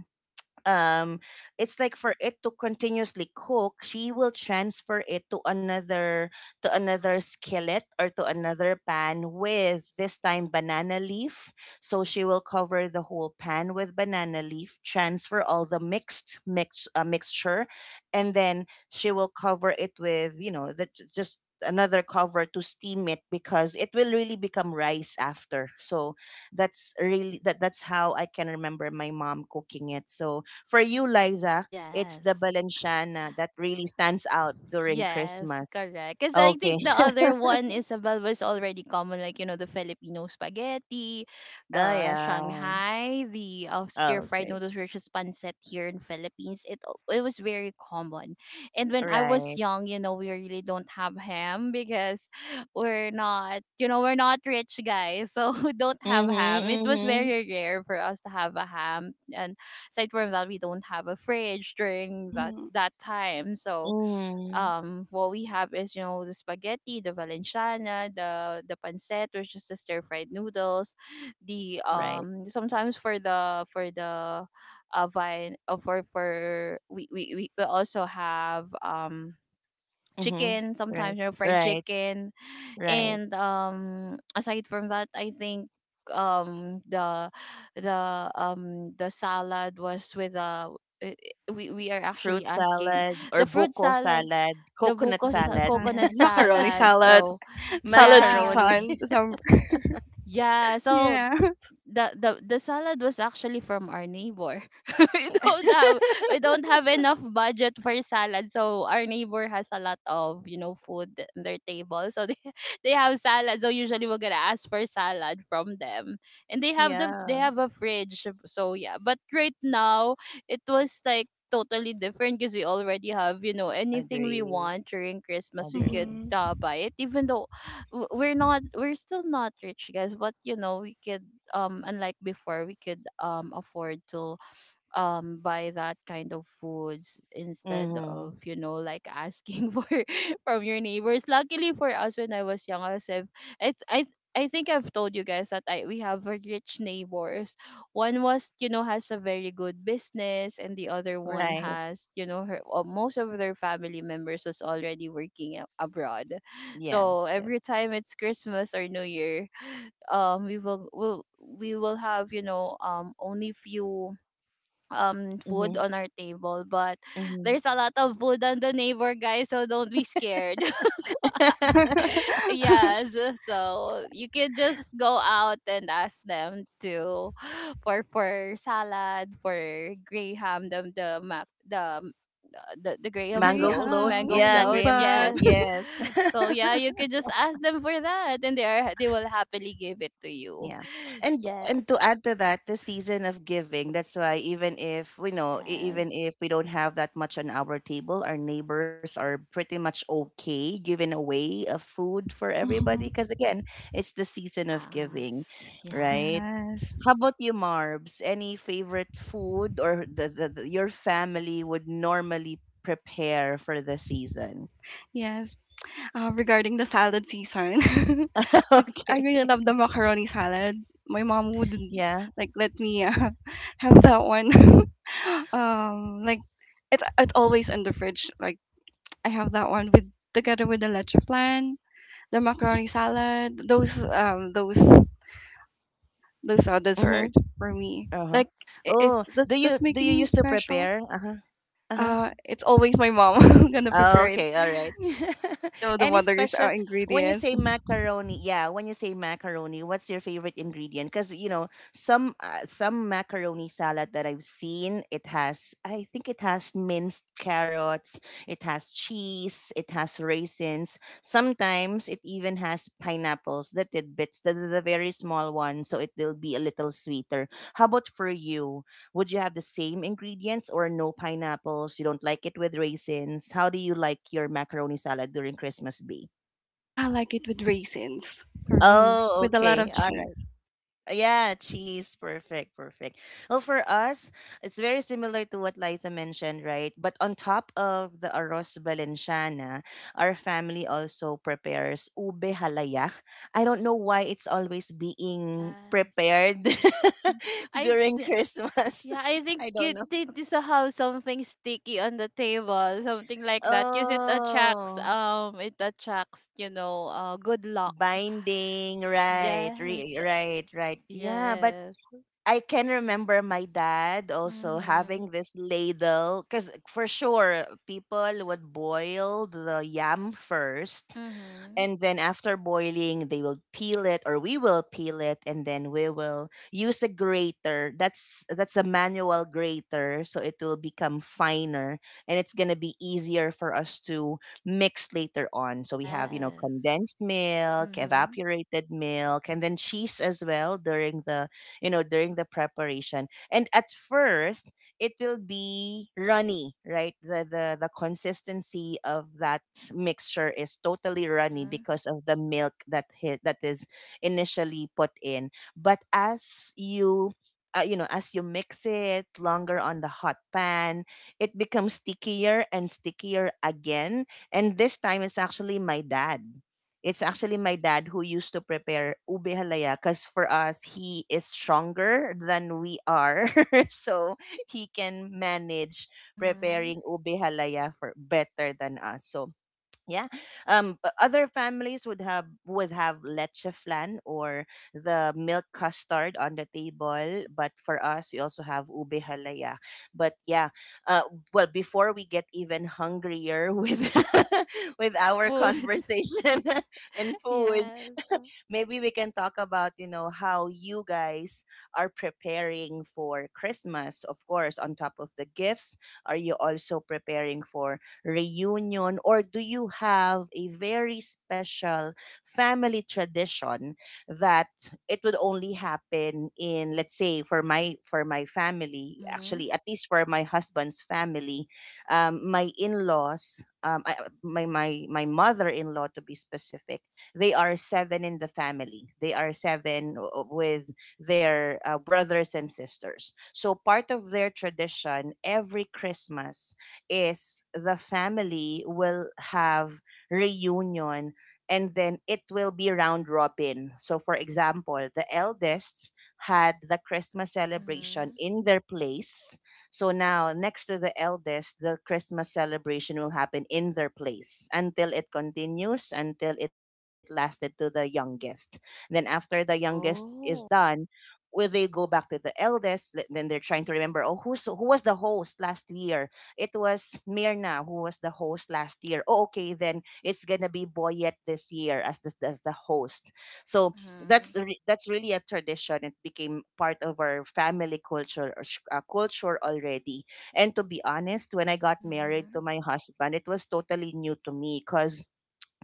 Speaker 1: um it's like for it to continuously cook, she will transfer it to another, skillet, or to another pan, with this time banana leaf. So she will cover the whole pan with banana leaf, transfer all the mixed mix mixture, and then she will cover it with, you know, that just another cover to steam it, because it will really become rice after. So that's really, that's how I can remember my mom cooking it. So for you, Liza, it's the
Speaker 2: Yes.
Speaker 1: Balenciana that really stands out during
Speaker 2: Yes,
Speaker 1: Christmas.
Speaker 2: correct. Because I think
Speaker 1: Okay.
Speaker 2: the other one, Isabel, was already common, like, the Filipino spaghetti,
Speaker 1: Oh,
Speaker 2: the
Speaker 1: yeah.
Speaker 2: Shanghai, the
Speaker 1: Oh,
Speaker 2: stir-fried
Speaker 1: okay.
Speaker 2: noodles, which is pancit here in Philippines. It it was very common. And when I was
Speaker 1: Right.
Speaker 2: young, you know, we really don't have ham, because we're not, you know, we're not rich guys, so we don't have
Speaker 1: Mm-hmm.
Speaker 2: ham. It was
Speaker 1: Mm-hmm.
Speaker 2: very rare for us to have a ham. And aside from that, we don't have a fridge during that,
Speaker 3: Mm-hmm.
Speaker 2: that time. So,
Speaker 1: Mm-hmm.
Speaker 2: what we have is, you know, the spaghetti, the valenciana, the pancetta, which is the stir fried noodles, the
Speaker 1: Right.
Speaker 2: sometimes, for the vine for we also have
Speaker 1: Mm-hmm.
Speaker 2: chicken,
Speaker 1: Right.
Speaker 2: sometimes, you know, fried
Speaker 1: Right.
Speaker 2: chicken.
Speaker 1: Right.
Speaker 2: And aside from that, I think um the the salad was with we are
Speaker 1: Fruit
Speaker 2: actually asking,
Speaker 1: salad or
Speaker 2: the fruit
Speaker 1: buko
Speaker 2: salad,
Speaker 1: salad,
Speaker 2: the
Speaker 3: The
Speaker 1: coconut
Speaker 2: buko,
Speaker 3: buko
Speaker 2: sa
Speaker 1: salad,
Speaker 2: coconut
Speaker 3: salad, macaroni
Speaker 2: salad.
Speaker 3: salad,
Speaker 2: So,
Speaker 3: salad
Speaker 2: yeah.
Speaker 1: macaroni.
Speaker 3: season. Some
Speaker 2: Yeah, so
Speaker 3: yeah.
Speaker 2: the salad was actually from our neighbor. we don't have we don't have enough budget for salad, so our neighbor has a lot of, food in their table, so they they have salad. So usually we're gonna ask for salad from them, and they
Speaker 1: Yeah.
Speaker 2: have a fridge. So yeah, but right now it was like totally different, because we already have, you know, anything we
Speaker 1: Agree.
Speaker 2: want during Christmas we could
Speaker 1: Agree.
Speaker 3: Mm-hmm.
Speaker 2: buy it, even though we're still not rich guys, but you know, we could unlike before, we could afford to buy that kind of foods, instead
Speaker 1: Mm-hmm.
Speaker 2: of, you know, like asking for from your neighbors. Luckily for us, when I was young, I was if I th- I th- I think I've told you guys that I we have a rich neighbors. One was, you know, has a very good business, and the other one
Speaker 1: Right.
Speaker 2: has, you know, her most of their family members was already working abroad. So
Speaker 1: Yes.
Speaker 2: every
Speaker 1: Yes.
Speaker 2: time it's Christmas or New Year, we will have, you know, only few food
Speaker 1: Mm-hmm.
Speaker 2: on our table, but
Speaker 1: Mm-hmm.
Speaker 2: there's a lot of food on the neighbor guys, so don't be scared. Yes, so you can just go out and ask them to for, salad, for graham, the mac the graham
Speaker 1: Mango
Speaker 2: float,
Speaker 1: float,
Speaker 3: Graham,
Speaker 2: mango
Speaker 3: I
Speaker 1: yeah,
Speaker 3: love
Speaker 2: float.
Speaker 1: graham
Speaker 3: that.
Speaker 1: float,
Speaker 2: Yes.
Speaker 1: yes.
Speaker 2: So yeah, you can just ask them for that, and they are, they will happily give it to you.
Speaker 1: Yeah. And
Speaker 2: Yes.
Speaker 1: and to add to that, the season of giving. That's why, even if we don't have that much on our table, our neighbors are pretty much okay giving away a food for everybody, because
Speaker 3: Mm-hmm.
Speaker 1: again, it's the season of
Speaker 2: Yes.
Speaker 1: giving, right?
Speaker 2: Yes.
Speaker 3: Yes.
Speaker 1: How about you, Marbs? Any favorite food, or the your family would normally prepare for the season?
Speaker 3: Yes. Regarding the salad season, 'cause I
Speaker 1: Okay.
Speaker 3: really love the macaroni salad. My mom would
Speaker 1: Yeah.
Speaker 3: like let me have that one. Like, it's always in the fridge. Like I have that one with together with the leche flan, the macaroni salad. Those those are
Speaker 1: Mm-hmm.
Speaker 3: dessert for me.
Speaker 1: Uh-huh.
Speaker 3: Like, it
Speaker 1: Oh,
Speaker 3: that's
Speaker 1: do you
Speaker 3: that's
Speaker 1: do you
Speaker 3: making me
Speaker 1: used to
Speaker 3: special.
Speaker 1: prepare? Uh-huh. Uh-huh.
Speaker 3: It's always my mom who's gonna prepare
Speaker 1: Oh,
Speaker 3: it.
Speaker 1: okay, all right.
Speaker 3: You know the
Speaker 1: Any
Speaker 3: mother's
Speaker 1: special when you
Speaker 3: ingredients.
Speaker 1: say macaroni? Yeah, when you say macaroni, what's your favorite ingredient? Cuz you know, some macaroni salad that I've seen, it has I think it has minced carrots, it has cheese, it has raisins. Sometimes it even has pineapples, the tidbits, the, the very small ones, so it will be a little sweeter. How about for you? Would you have the same ingredients, or no pineapples? You don't like it with raisins? How do you like your macaroni salad during Christmas be?
Speaker 3: I like it with raisins for me,
Speaker 1: Oh,
Speaker 3: with a lot
Speaker 1: okay.
Speaker 3: of
Speaker 1: All
Speaker 3: cheese.
Speaker 1: right. Yeah, cheese. Perfect. Perfect. Well, for us, it's very similar to what Liza mentioned, right? But on top of the arroz valenciana, our family also prepares ube halaya. I don't know why it's always being
Speaker 2: Yes,
Speaker 1: prepared
Speaker 2: I
Speaker 1: during
Speaker 2: think,
Speaker 1: Christmas.
Speaker 2: yeah, I think
Speaker 1: I don't
Speaker 2: it
Speaker 1: know.
Speaker 2: did somehow something sticky on the table, something like that, because it attracts,
Speaker 1: Oh,
Speaker 2: it attracts, you know, good luck.
Speaker 1: binding, right,
Speaker 2: Yes,
Speaker 1: right, right. Yeah, but
Speaker 2: yes.
Speaker 1: I can remember my dad also
Speaker 2: Mhm.
Speaker 1: having this ladle, because for sure people would boil the yam first,
Speaker 2: Mhm.
Speaker 1: and then after boiling they will peel it, or we will peel it, and then we will use a grater. That's a manual grater, so it will become finer, and it's going to be easier for us to mix later on. So we have, you know,
Speaker 2: Yes.
Speaker 1: condensed milk,
Speaker 2: Mhm.
Speaker 1: evaporated milk, and then cheese as well, during the, you know, during the preparation. And at first, it will be runny, right? The the consistency of that mixture is totally runny
Speaker 2: Mhm.
Speaker 1: because of the milk that hit, that is initially put in. But as you you know, as you mix it longer on the hot pan, it becomes stickier and stickier again. And this time it's actually my dad. It's actually my dad who used to prepare ube halaya, because for us, he is stronger than we are. So he can manage
Speaker 2: Mhm.
Speaker 1: preparing ube halaya for better than us. So yeah, other families would have, would have leche flan, or the milk custard on the table, but for us, we also have ube halaya. But yeah, uh, well, before we get even hungrier with with
Speaker 2: The
Speaker 1: our
Speaker 2: food.
Speaker 1: conversation and food,
Speaker 2: Yes.
Speaker 1: maybe we can talk about, you know, how you guys are preparing for Christmas. Of course, on top of the gifts, are you also preparing for reunion, or do you have a very special family tradition that it would only happen in, let's say for my family.
Speaker 2: Mhm.
Speaker 1: Actually, at least for my husband's family, my in-laws, my mother-in-law to be specific, they are seven in the family. They are seven with their brothers and sisters. So part of their tradition every Christmas is the family will have reunion, and then it will be round robin. So for example, the eldest had the Christmas celebration
Speaker 2: Mhm.
Speaker 1: in their place. So now, next to the eldest, the Christmas celebration will happen in their place, until it continues, until it lasted to the youngest. Then, after the youngest is done,
Speaker 2: Oh.
Speaker 1: will they go back to the eldest? Then they're trying to remember, oh, who was the host last year? It was Mirna who was the host last year. Oh, okay, then it's gonna be Boyet this year as the, host. So
Speaker 2: Mhm.
Speaker 1: that's really a tradition. It became part of our family culture or culture already. And to be honest, when I got married
Speaker 2: Mhm.
Speaker 1: to my husband, it was totally new to me, cuz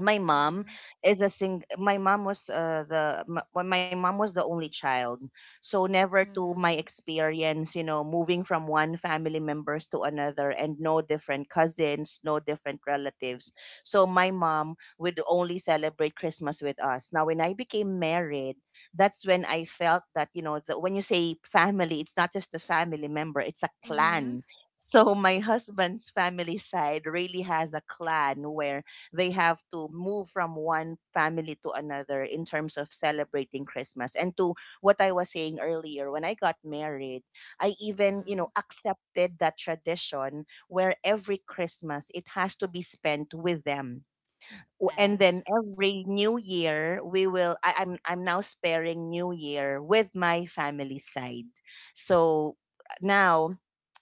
Speaker 1: my mom
Speaker 2: Mhm.
Speaker 1: is a sing my mom was well, my mom was the only child. So never to my
Speaker 2: Mhm.
Speaker 1: experience, you know, moving from one family members to another, and no different cousins, no different relatives. So my mom would only celebrate Christmas with us. Now when I became married, that's when I felt that, you know, when you say family, it's not just a family member, it's a
Speaker 2: Mhm.
Speaker 1: clan. So my husband's family side really has a clan where they have to move from one family to another in terms of celebrating Christmas. And to what I was saying earlier, when I got married, I even, you know,
Speaker 2: Mhm.
Speaker 1: accepted that tradition where every Christmas it has to be spent with them. And then
Speaker 2: Yes.
Speaker 1: every New Year, we will. I'm now sparing New Year with my family side. So now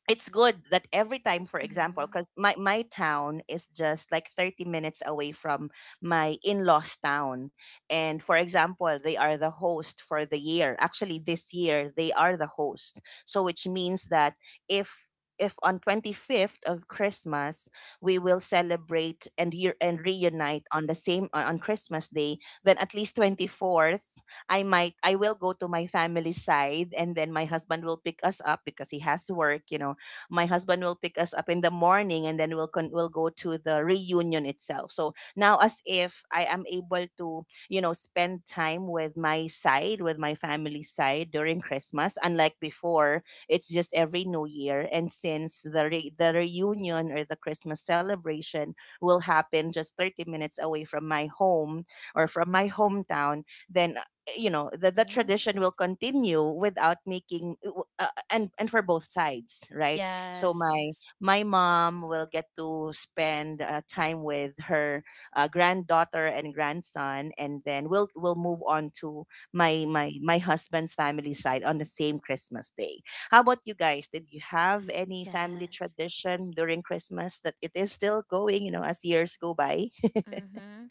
Speaker 1: it's good that every time, for example,
Speaker 2: Mhm.
Speaker 1: because my town is just like 30 minutes away from my in-laws town. And for example, they are the host for the year. Actually, this year they are the host, so which means that if if on 25th of Christmas we will celebrate and year and reunite on the same, on Christmas day, then at least 24th, I will go to my family side, and then my husband will pick us up because he has work, you know. My husband will pick us up in the morning, and then we'll go to the reunion itself. So now, as if I am able to, you know, spend time with my side, with my family side during Christmas, unlike before, it's just every New Year. And since the reunion or the Christmas celebration will happen just 30 minutes away from my home or from my hometown, then you know, the
Speaker 2: Mhm.
Speaker 1: tradition will continue without making and for both sides, right? So
Speaker 2: Yes, yes.
Speaker 1: my mom will get to spend time with her granddaughter and grandson, and then we'll move on to my husband's family side on the same Christmas day. How about you guys? Did you have any family
Speaker 2: Yes.
Speaker 1: tradition during Christmas that it is still going, you know, as years go by?
Speaker 2: Mm-hmm.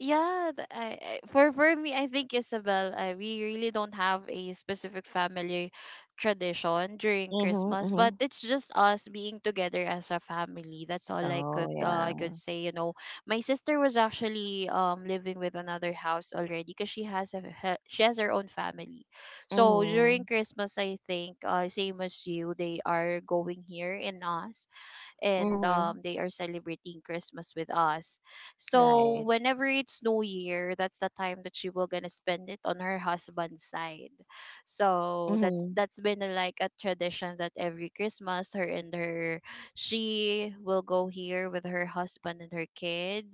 Speaker 2: Yeah, for me, I think, Isabel, we really don't have a specific family tradition during
Speaker 1: Mm-hmm,
Speaker 2: Christmas, but
Speaker 1: mm-hmm.
Speaker 2: it's just us being together as a family. That's all
Speaker 1: Oh, yeah.
Speaker 2: I could say. You know, my sister was actually living with another house already, because she has her own family. So
Speaker 1: Mm-hmm.
Speaker 2: during Christmas, I think, same as you, they are going here in us, and
Speaker 1: Mm-hmm.
Speaker 2: they are celebrating Christmas with us.
Speaker 1: Right.
Speaker 2: So whenever it's New Year, that's the time that she will gonna spend it on her husband's side. So that's
Speaker 1: Mm-hmm.
Speaker 2: that's been, a, like a tradition, that every Christmas, her and her she will go here with her husband and her kid,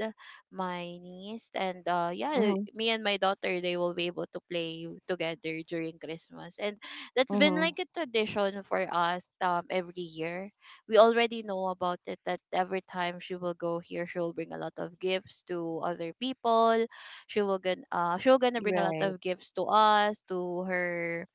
Speaker 2: my niece, and yeah,
Speaker 1: Mm-hmm.
Speaker 2: me and my daughter, they will be able to play together during Christmas, and that's been
Speaker 1: Mm-hmm.
Speaker 2: like a tradition for us, every year. We already know about it, that every time she will go here, she will bring a lot of gifts to other people. She will gonna she'll gonna bring a lot
Speaker 1: Right.
Speaker 2: of gifts to us, to her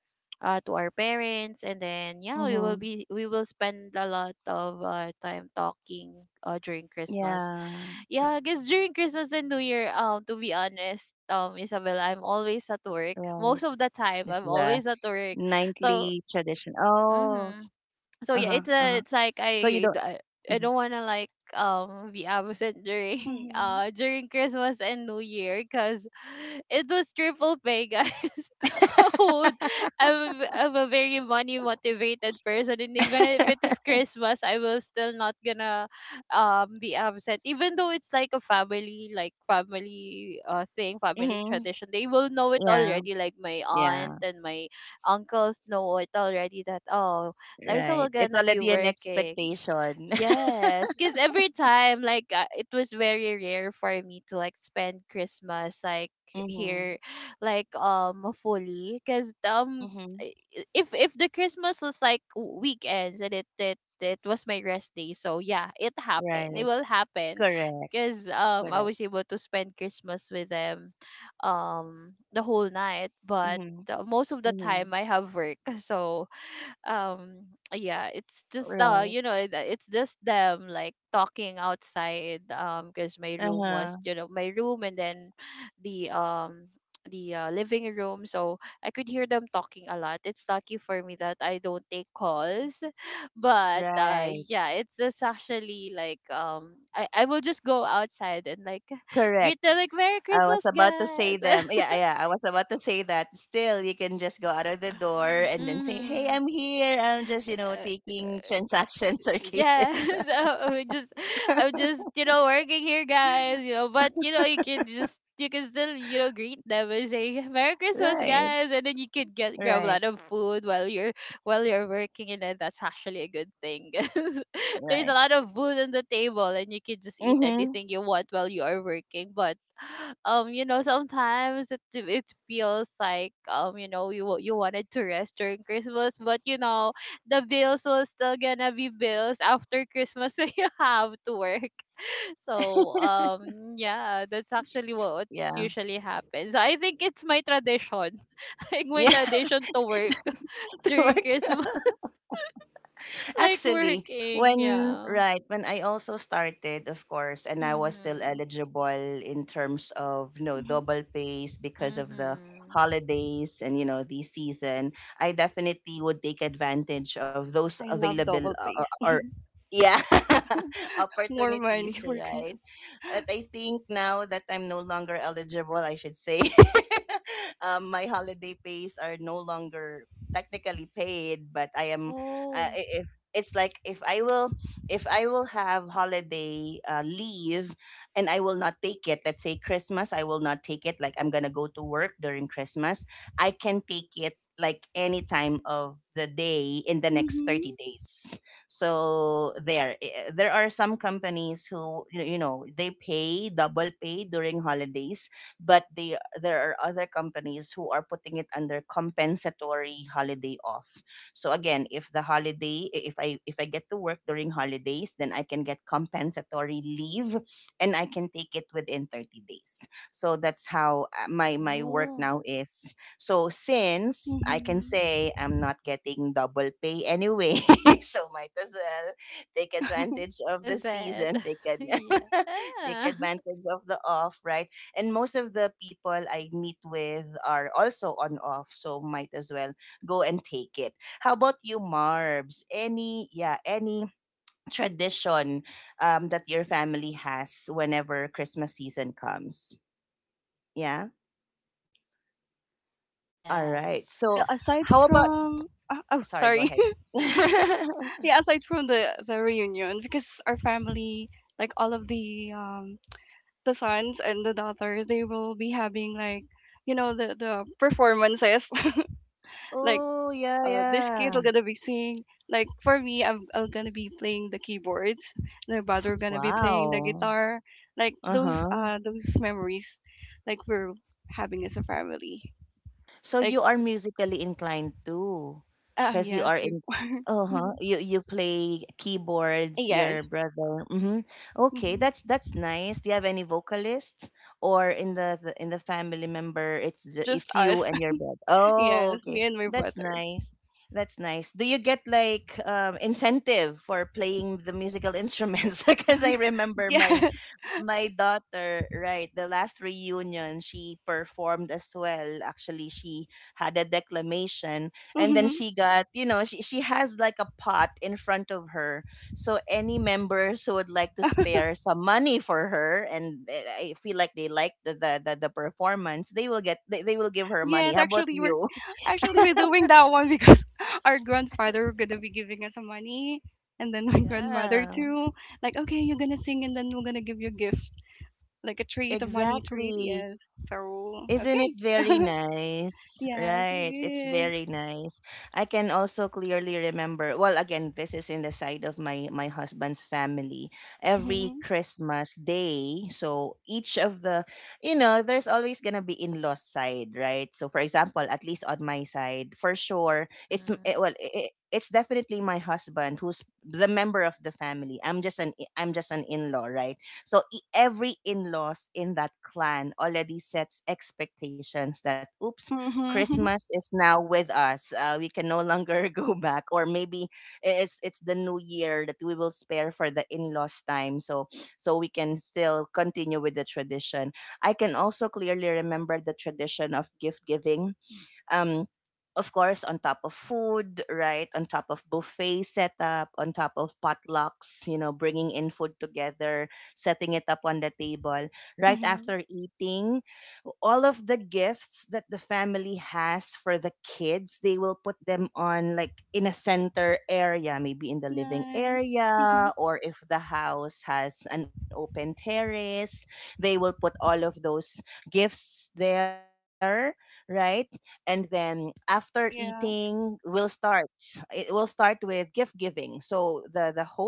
Speaker 2: to our parents, and then yeah,
Speaker 1: Mm-hmm.
Speaker 2: we will spend a lot of time talking during Christmas.
Speaker 1: Yeah.
Speaker 2: Yeah, I guess during Christmas and New Year, to be honest,
Speaker 1: Simbang gabi,
Speaker 2: Isabel, I'm
Speaker 1: like
Speaker 2: always at
Speaker 1: simbang
Speaker 2: work,
Speaker 1: gabi is
Speaker 2: most of the
Speaker 1: the
Speaker 2: time I'm always at work.
Speaker 1: nightly tradition.
Speaker 2: So,
Speaker 1: Oh,
Speaker 2: mhm.
Speaker 1: uh-huh,
Speaker 2: So yeah,
Speaker 1: uh-huh.
Speaker 2: it's a, it's
Speaker 1: So you
Speaker 2: like,
Speaker 1: don't.
Speaker 2: I d-
Speaker 1: Mhm,
Speaker 2: I don't want to, like, be absent during
Speaker 3: Mm-hmm.
Speaker 2: during Christmas and New Year, because it was triple pay, guys. Oh, I'm a very money motivated person, and even if it is Christmas, I will still not gonna be absent, even though it's like a family like family thing family
Speaker 1: mhm.
Speaker 2: tradition. They will know it
Speaker 1: Yeah,
Speaker 2: already, like my aunt
Speaker 1: yeah,
Speaker 2: and my uncles know it already, that, oh, Liza
Speaker 1: right.
Speaker 2: will
Speaker 1: It's
Speaker 2: gonna be
Speaker 1: already an
Speaker 2: working.
Speaker 1: expectation.
Speaker 2: Yes, because every time, like, it was very rare for me to, like, spend Christmas, like,
Speaker 1: Mhm,
Speaker 2: here, like, fully, because
Speaker 1: mhm,
Speaker 2: if the Christmas was like weekends, and it was my rest day, so yeah, it happened. It
Speaker 1: right.
Speaker 2: will happen,
Speaker 1: Correct,
Speaker 2: because
Speaker 1: correct.
Speaker 2: I was able to spend Christmas with them, the whole night, but
Speaker 1: Mhm,
Speaker 2: most of the
Speaker 1: mhm,
Speaker 2: time I have work, so um yeah, it's just
Speaker 1: right.
Speaker 2: it's just them like talking outside because my room
Speaker 1: Uh-huh,
Speaker 2: was, you know, my room, and then the um the living room, so I could hear them talking a lot. It's lucky for me that I don't take calls. But
Speaker 1: right.
Speaker 2: yeah, it's just actually like I will just go outside and, like, greet
Speaker 1: Correct.
Speaker 2: them like, "Merry
Speaker 1: I was
Speaker 2: Christmas,
Speaker 1: about to say
Speaker 2: guys."
Speaker 1: them. Yeah, yeah. I was about to say that. Still, you can just go out of the door and then say, "Hey,
Speaker 2: Mm-hmm.
Speaker 1: I'm here. I'm just, you know, taking transactions or
Speaker 2: Yeah,
Speaker 1: cases."
Speaker 2: so I'm just, I'm just, you know, working here, guys. You know, but, you know, you can just, you can still, you know, greet them and say, "Merry Christmas,
Speaker 1: Right,
Speaker 2: guys," and then you could get grab a
Speaker 1: right,
Speaker 2: lot of food while you're working, and then that's actually a good thing. 'Cause there's a
Speaker 1: right.
Speaker 2: lot of food on the table, and you can just eat
Speaker 1: Mm-hmm.
Speaker 2: anything you want while you are working. But, you know, sometimes it feels like, you know, you wanted to rest during Christmas, but, you know, the bills will still gonna be bills after Christmas, so you have to work. So yeah, that's actually what
Speaker 1: Yeah,
Speaker 2: usually happens. I think it's my tradition, like my
Speaker 1: yeah.
Speaker 2: tradition to work
Speaker 1: At
Speaker 2: during
Speaker 1: work.
Speaker 2: Christmas, like
Speaker 1: Actually,
Speaker 2: working.
Speaker 1: when
Speaker 2: Yeah.
Speaker 1: right, when I also started, of course, and I was still
Speaker 2: Mhm.
Speaker 1: eligible in terms of, you know,
Speaker 3: Mm-hmm.
Speaker 1: double pays because of the
Speaker 2: Mhm.
Speaker 1: holidays and, you know, the season, I definitely would take advantage of those
Speaker 3: I love
Speaker 1: available
Speaker 3: double paste.
Speaker 1: or yeah,
Speaker 3: More money
Speaker 1: opportunities,
Speaker 3: workers.
Speaker 1: right? But I think now that I'm no longer eligible, I should say, my holiday pays are no longer technically paid, but I am,
Speaker 2: Oh.
Speaker 1: if it's like if I will have holiday leave and I will not take it, let's say Christmas, I will not take it, like I'm gonna go to work during Christmas, I can take it like any time of the day in the next 30
Speaker 3: Mm-hmm.
Speaker 1: days. So there, there are some companies who you know, they pay double pay during holidays, but they there are other companies who are putting it under compensatory holiday off. So again, if the holiday, I- if I if I get to work during holidays, then I can get compensatory leave, and I can take it within 30 days. So that's how my work
Speaker 2: Oh.
Speaker 1: now is. So since I can
Speaker 3: Mm-hmm.
Speaker 1: say I'm not getting double pay anyway, so might as well take advantage of the
Speaker 2: Use it.
Speaker 1: season, take
Speaker 2: Yeah.
Speaker 1: advantage of the off, right? And most of the people I meet with are also on off, so might as well go and take it. How about you, Marbs? Any, yeah, any tradition that your family has whenever Christmas season comes? Yeah, all right.
Speaker 2: Yes.
Speaker 3: Well,
Speaker 1: So
Speaker 3: aside
Speaker 1: how about,
Speaker 2: Mhm.
Speaker 3: from oh,
Speaker 1: sorry, go
Speaker 3: sorry,
Speaker 1: ahead.
Speaker 3: yeah, aside from the reunion, because our family, like all of the sons and the daughters, they will be having like the performances, like,
Speaker 1: Oh yeah,
Speaker 3: this kid
Speaker 1: yeah.
Speaker 3: will gonna be singing. Like for me, I'm gonna be playing the keyboards. My brother gonna be playing the
Speaker 1: Wow.
Speaker 3: guitar. Like, those
Speaker 1: Uh-huh.
Speaker 3: those memories, like we're having as a family.
Speaker 1: So
Speaker 3: Like
Speaker 1: you are musically inclined too, because you
Speaker 3: yeah,
Speaker 1: are in.
Speaker 3: before.
Speaker 1: Uh-huh. You play keyboards.
Speaker 3: Yes.
Speaker 1: Your brother. Mm-hmm. Okay,
Speaker 3: Mhm.
Speaker 1: that's nice. Do you have any vocalists or in the in the family member? It's
Speaker 3: Oh, just
Speaker 1: it's
Speaker 3: us.
Speaker 1: you and your brother. Oh,
Speaker 3: Yes,
Speaker 1: okay.
Speaker 3: me and my
Speaker 1: That's
Speaker 3: brother.
Speaker 1: nice. That's nice. Do you get like incentive for playing the musical instruments? Because I remember
Speaker 3: Yes.
Speaker 1: my daughter, right, the last reunion, she performed as well. Actually, she had a declamation, and then she got, you know, she has like a pot in front of her. So any members who would like to spare some money for her and I feel like they like the performance, they will give her money.
Speaker 3: Yes,
Speaker 1: How about
Speaker 3: actually we're
Speaker 1: you?
Speaker 3: actually we're doing that one because our grandfather were gonna be giving us some money and then my grandmother
Speaker 1: Yeah.
Speaker 3: too. Like, okay, you're gonna sing and then we're gonna give you a gift. Like a treat, a money treat,
Speaker 1: Exactly.
Speaker 3: yes. So
Speaker 1: Isn't it very
Speaker 3: okay.
Speaker 1: nice?
Speaker 3: Yes, it
Speaker 1: Right. It's
Speaker 3: is.
Speaker 1: very nice. I can also clearly remember, well, again, this is in the side of my husband's family. Every
Speaker 3: Mm-hmm.
Speaker 1: Christmas day, so each of the, you know, there's always going to be in-laws side, right? So for example, at least on my side, for sure,
Speaker 2: Mhm.
Speaker 1: well, it's definitely my husband who's the member of the family. I'm just an in-law, right? So every in-laws in that clan already sets expectations that oops,
Speaker 3: Mm-hmm.
Speaker 1: Christmas is now with us. We can no longer go back, or maybe it's the new year that we will spare for the in-laws time, so so we can still continue with the tradition. I can also clearly remember the tradition of gift giving, um, of course, on top of food, right? On top of buffet setup, on top of potlucks, you know, bringing in food together, setting it up on the table. Right
Speaker 3: Mm-hmm.
Speaker 1: after eating, all of the gifts that the family has for the kids, they will put them on like in a center area, maybe in the living
Speaker 3: Nice. Mm-hmm.
Speaker 1: area, or if the house has an open terrace, they will put all of those gifts there, right? And then after eating
Speaker 3: Yeah.
Speaker 1: we'll start, it will start with gift giving. So the host,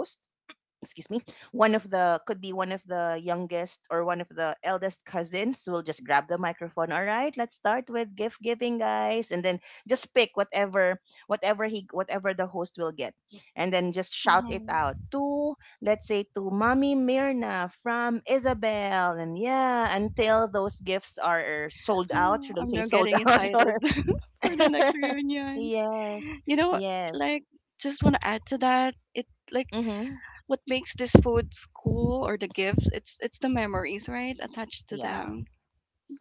Speaker 1: excuse me, one of the could be one of the youngest or one of the eldest cousins will just grab the microphone. All right, let's start with gift giving, guys. And then just pick whatever, whatever he whatever the host will get, and then just shout it
Speaker 3: Mm-hmm.
Speaker 1: out to, let's say, to mommy Mirna from Isabel. And yeah, until those gifts are sold out,
Speaker 3: Oh,
Speaker 1: should I
Speaker 3: I'm
Speaker 1: say
Speaker 3: now
Speaker 1: sold
Speaker 3: getting
Speaker 1: out?
Speaker 3: excited
Speaker 1: Or
Speaker 3: for the next reunion.
Speaker 1: yes,
Speaker 3: You know,
Speaker 1: yes.
Speaker 3: like, just want to add to that. It like
Speaker 1: Mm-hmm.
Speaker 3: what makes this foods cool or the gifts, it's the memories, right, attached to
Speaker 1: Yeah,
Speaker 3: them,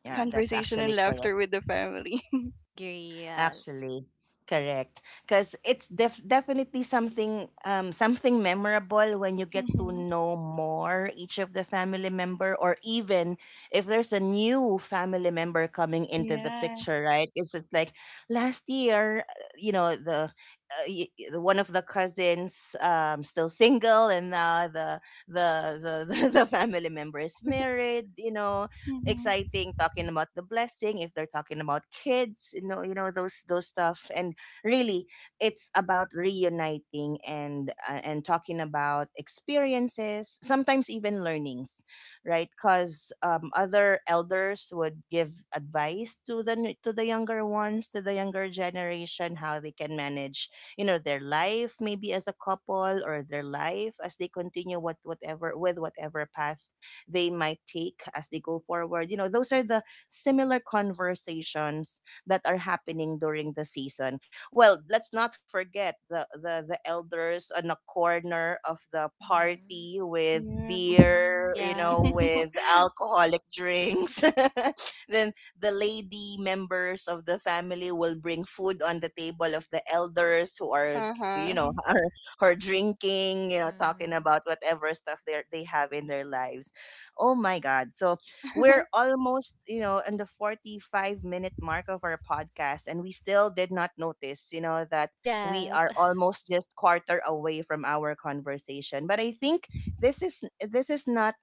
Speaker 1: yeah, that's
Speaker 3: conversation and
Speaker 1: actually correct,
Speaker 3: laughter with the family.
Speaker 2: Agree. Yes.
Speaker 1: actually. Correct. Because it's definitely something something memorable when you get to
Speaker 3: Mm-hmm.
Speaker 1: know more each of the family member, or even if there's a new family member coming into the
Speaker 3: Yes.
Speaker 1: picture, right? It's just like last year, you know, the one of the cousins still single, and now the the, the family member is married. You know,
Speaker 3: Mm-hmm.
Speaker 1: exciting, talking about the blessing, if they're talking about kids, you know, you know, those stuff. And really it's about reuniting and talking about experiences, sometimes even learnings, right? Because other elders would give advice to to the younger ones, to the younger generation, how they can manage, you know, their life, maybe as a couple, or their life as they continue whatever, with whatever path they might take as they go forward. You know, those are the similar conversations that are happening during the season. Well, let's not forget the elders on a corner of the
Speaker 2: Mm-hmm.
Speaker 1: party with
Speaker 3: Yeah.
Speaker 1: beer, you
Speaker 3: Mm-hmm.
Speaker 1: know,
Speaker 2: Yeah.
Speaker 1: with alcoholic drinks. Then the lady members of the family will bring food on the table of the elders who are, you know,
Speaker 3: Uh-huh.
Speaker 1: are drinking, you know, talking
Speaker 2: Mhm.
Speaker 1: about whatever stuff they have in their lives. Oh my God. So we're almost, you know, in the 45-minute mark of our podcast, and we still did not notice, you know, that we
Speaker 2: Yes.
Speaker 1: are almost just quarter away from our conversation. But I think this is not,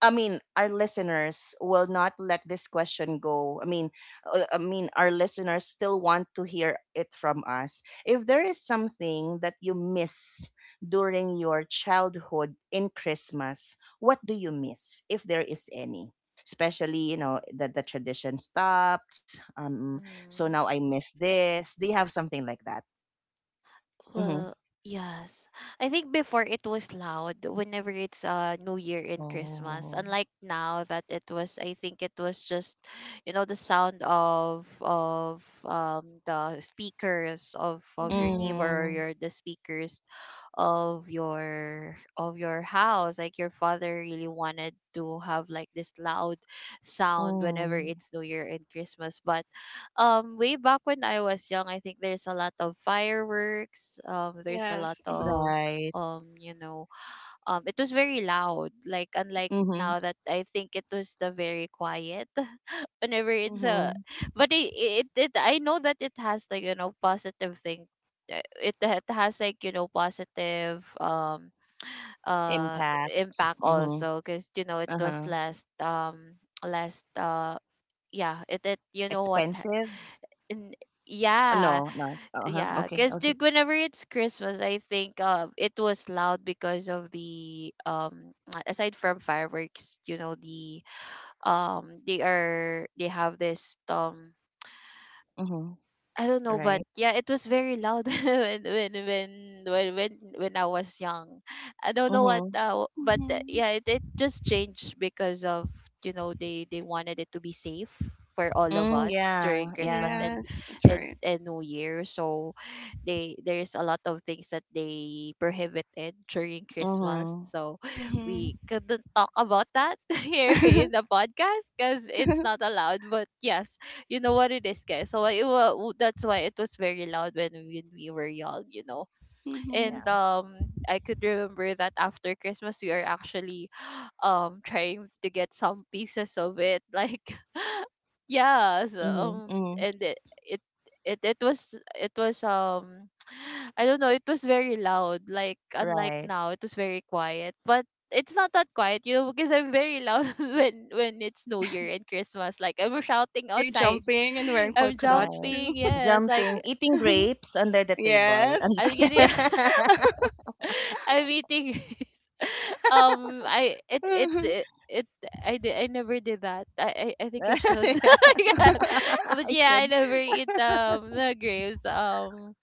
Speaker 1: I mean, our listeners will not let this question go. I mean, our listeners still want to hear it from us. If there is something that you miss during your childhood in Christmas, what do you miss, if there is any? Especially, you know, that the tradition stopped. So
Speaker 2: Mhm.
Speaker 1: now I miss this. Do you have something like that?
Speaker 2: Well,
Speaker 1: Mm-hmm.
Speaker 2: yes. I think before it was loud whenever it's New Year and Christmas.
Speaker 1: Oh.
Speaker 2: Unlike now that it was, I think it was just, you know, the sound of the speakers of your
Speaker 3: Mm-hmm.
Speaker 2: neighbor, or
Speaker 1: Mm,
Speaker 2: your the speakers of your house. Like, your father really wanted to have like this loud sound whenever
Speaker 1: mm,
Speaker 2: it's New Year and Christmas. But way back when I was young, I think there's a lot of fireworks. There's a
Speaker 3: Yes.
Speaker 2: lot of
Speaker 1: right.
Speaker 2: you know, it was very loud. Like, unlike
Speaker 1: Mm-hmm.
Speaker 2: now that I think it was the very quiet. Whenever it's a,
Speaker 1: Mm-hmm.
Speaker 2: but it, I know that it has like, you know, positive thing. It, it has like, you know, positive uh
Speaker 1: Impact.
Speaker 2: impact
Speaker 1: Mm-hmm.
Speaker 2: also, because, you know, it was
Speaker 1: Uh-huh.
Speaker 2: last last yeah, it, you know what,
Speaker 1: Expensive?
Speaker 2: and yeah.
Speaker 1: No, not. Uh-huh.
Speaker 2: Yeah,
Speaker 1: Okay,
Speaker 2: because
Speaker 1: okay.
Speaker 2: whenever it's Christmas, I think it was loud because of the aside from fireworks, you know, the they are they have this
Speaker 1: Mm-hmm.
Speaker 2: I don't know, but
Speaker 1: Right.
Speaker 2: yeah, it was very loud when when when I was young. I don't know what,
Speaker 1: Mm-hmm.
Speaker 2: but
Speaker 3: Mm-hmm.
Speaker 2: yeah, it just changed because of, you know, they wanted it to be safe for all of
Speaker 1: Mm,
Speaker 2: us
Speaker 1: yeah,
Speaker 2: during Christmas
Speaker 1: yeah.
Speaker 2: and
Speaker 3: Yes, that's
Speaker 2: and
Speaker 3: right.
Speaker 2: and New Year. So they there's a lot of things that they prohibited during Christmas.
Speaker 1: Mm-hmm.
Speaker 2: So we
Speaker 3: Mm-hmm.
Speaker 2: couldn't talk about that here in the podcast because it's not allowed. But yes, you know what it is, guys. So that's why it was very loud when we were young, you know.
Speaker 3: Mm-hmm.
Speaker 2: And
Speaker 1: Yeah.
Speaker 2: I could remember that after Christmas, we are actually trying to get some pieces of it, like yeah. So,
Speaker 1: Mm-hmm. Mm-hmm.
Speaker 2: and it was, it was I don't know, it was very loud. Like, unlike
Speaker 1: Right.
Speaker 2: now, it was very quiet. But it's not that quiet, you know, because I'm very loud when it's New Year and Christmas. Like, I'm shouting
Speaker 3: Are you
Speaker 2: outside,
Speaker 3: jumping and wearing
Speaker 2: I'm
Speaker 3: polka dots
Speaker 1: Right.
Speaker 3: too?
Speaker 2: jumping. Yes, like
Speaker 1: Jumping, eating grapes under the table.
Speaker 3: Yes.
Speaker 1: I'm just
Speaker 2: I'm getting.
Speaker 1: kidding.
Speaker 2: I'm eating. I it it it, it I did, I never did that. I think I should.
Speaker 1: I
Speaker 2: Yeah. But yeah, I
Speaker 1: should.
Speaker 2: never eat the grapes.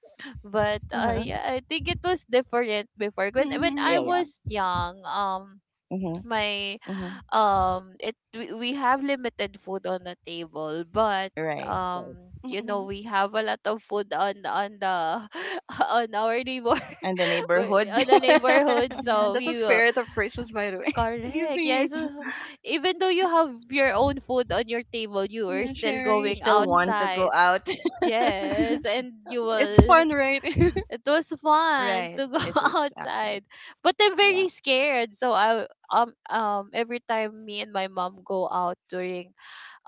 Speaker 2: But
Speaker 1: Uh-huh.
Speaker 2: yeah, I think it was different before. When I
Speaker 1: Yeah, yeah.
Speaker 3: Mm-hmm.
Speaker 2: was young,
Speaker 1: Mm-hmm.
Speaker 2: my
Speaker 1: Mm-hmm.
Speaker 2: we have limited food on the table, but
Speaker 1: Right, right.
Speaker 2: you know,
Speaker 3: Mm-hmm.
Speaker 2: we have a lot of food on the on our neighbor,
Speaker 1: And the neighborhood.
Speaker 2: the neighborhood.
Speaker 3: Yeah,
Speaker 2: So
Speaker 3: that's a
Speaker 2: we will
Speaker 3: spirit of Christmas, by the way.
Speaker 2: correct.
Speaker 3: Giving,
Speaker 2: Yes. Uh, even though you have your own food on your table, you were
Speaker 3: yeah,
Speaker 2: still
Speaker 1: You
Speaker 3: sharing.
Speaker 2: going
Speaker 1: still
Speaker 3: Mhm.
Speaker 1: want to go
Speaker 2: outside.
Speaker 1: out.
Speaker 2: Yes. And you
Speaker 3: It's
Speaker 2: will,
Speaker 3: fun, right?
Speaker 2: it was fun
Speaker 1: Right.
Speaker 2: to go
Speaker 1: It is actually.
Speaker 2: outside. But I'm
Speaker 1: Yeah.
Speaker 2: very scared. So I every time me and my mom go out during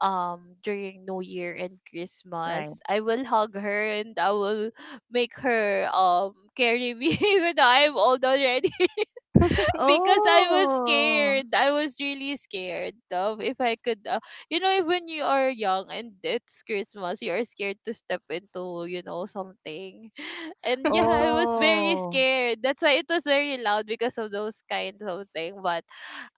Speaker 2: during New Year and
Speaker 1: Right.
Speaker 2: Christmas, I will hug her and I will make her carry me even though I'm old already. Because I was
Speaker 1: Oh.
Speaker 2: scared. I was really scared of if I could, you know, if when you are young and it's Christmas, you are scared to step into, you know, something. And yeah, I was very
Speaker 1: Oh.
Speaker 2: scared. That's why it was very loud because of those kinds of thing. But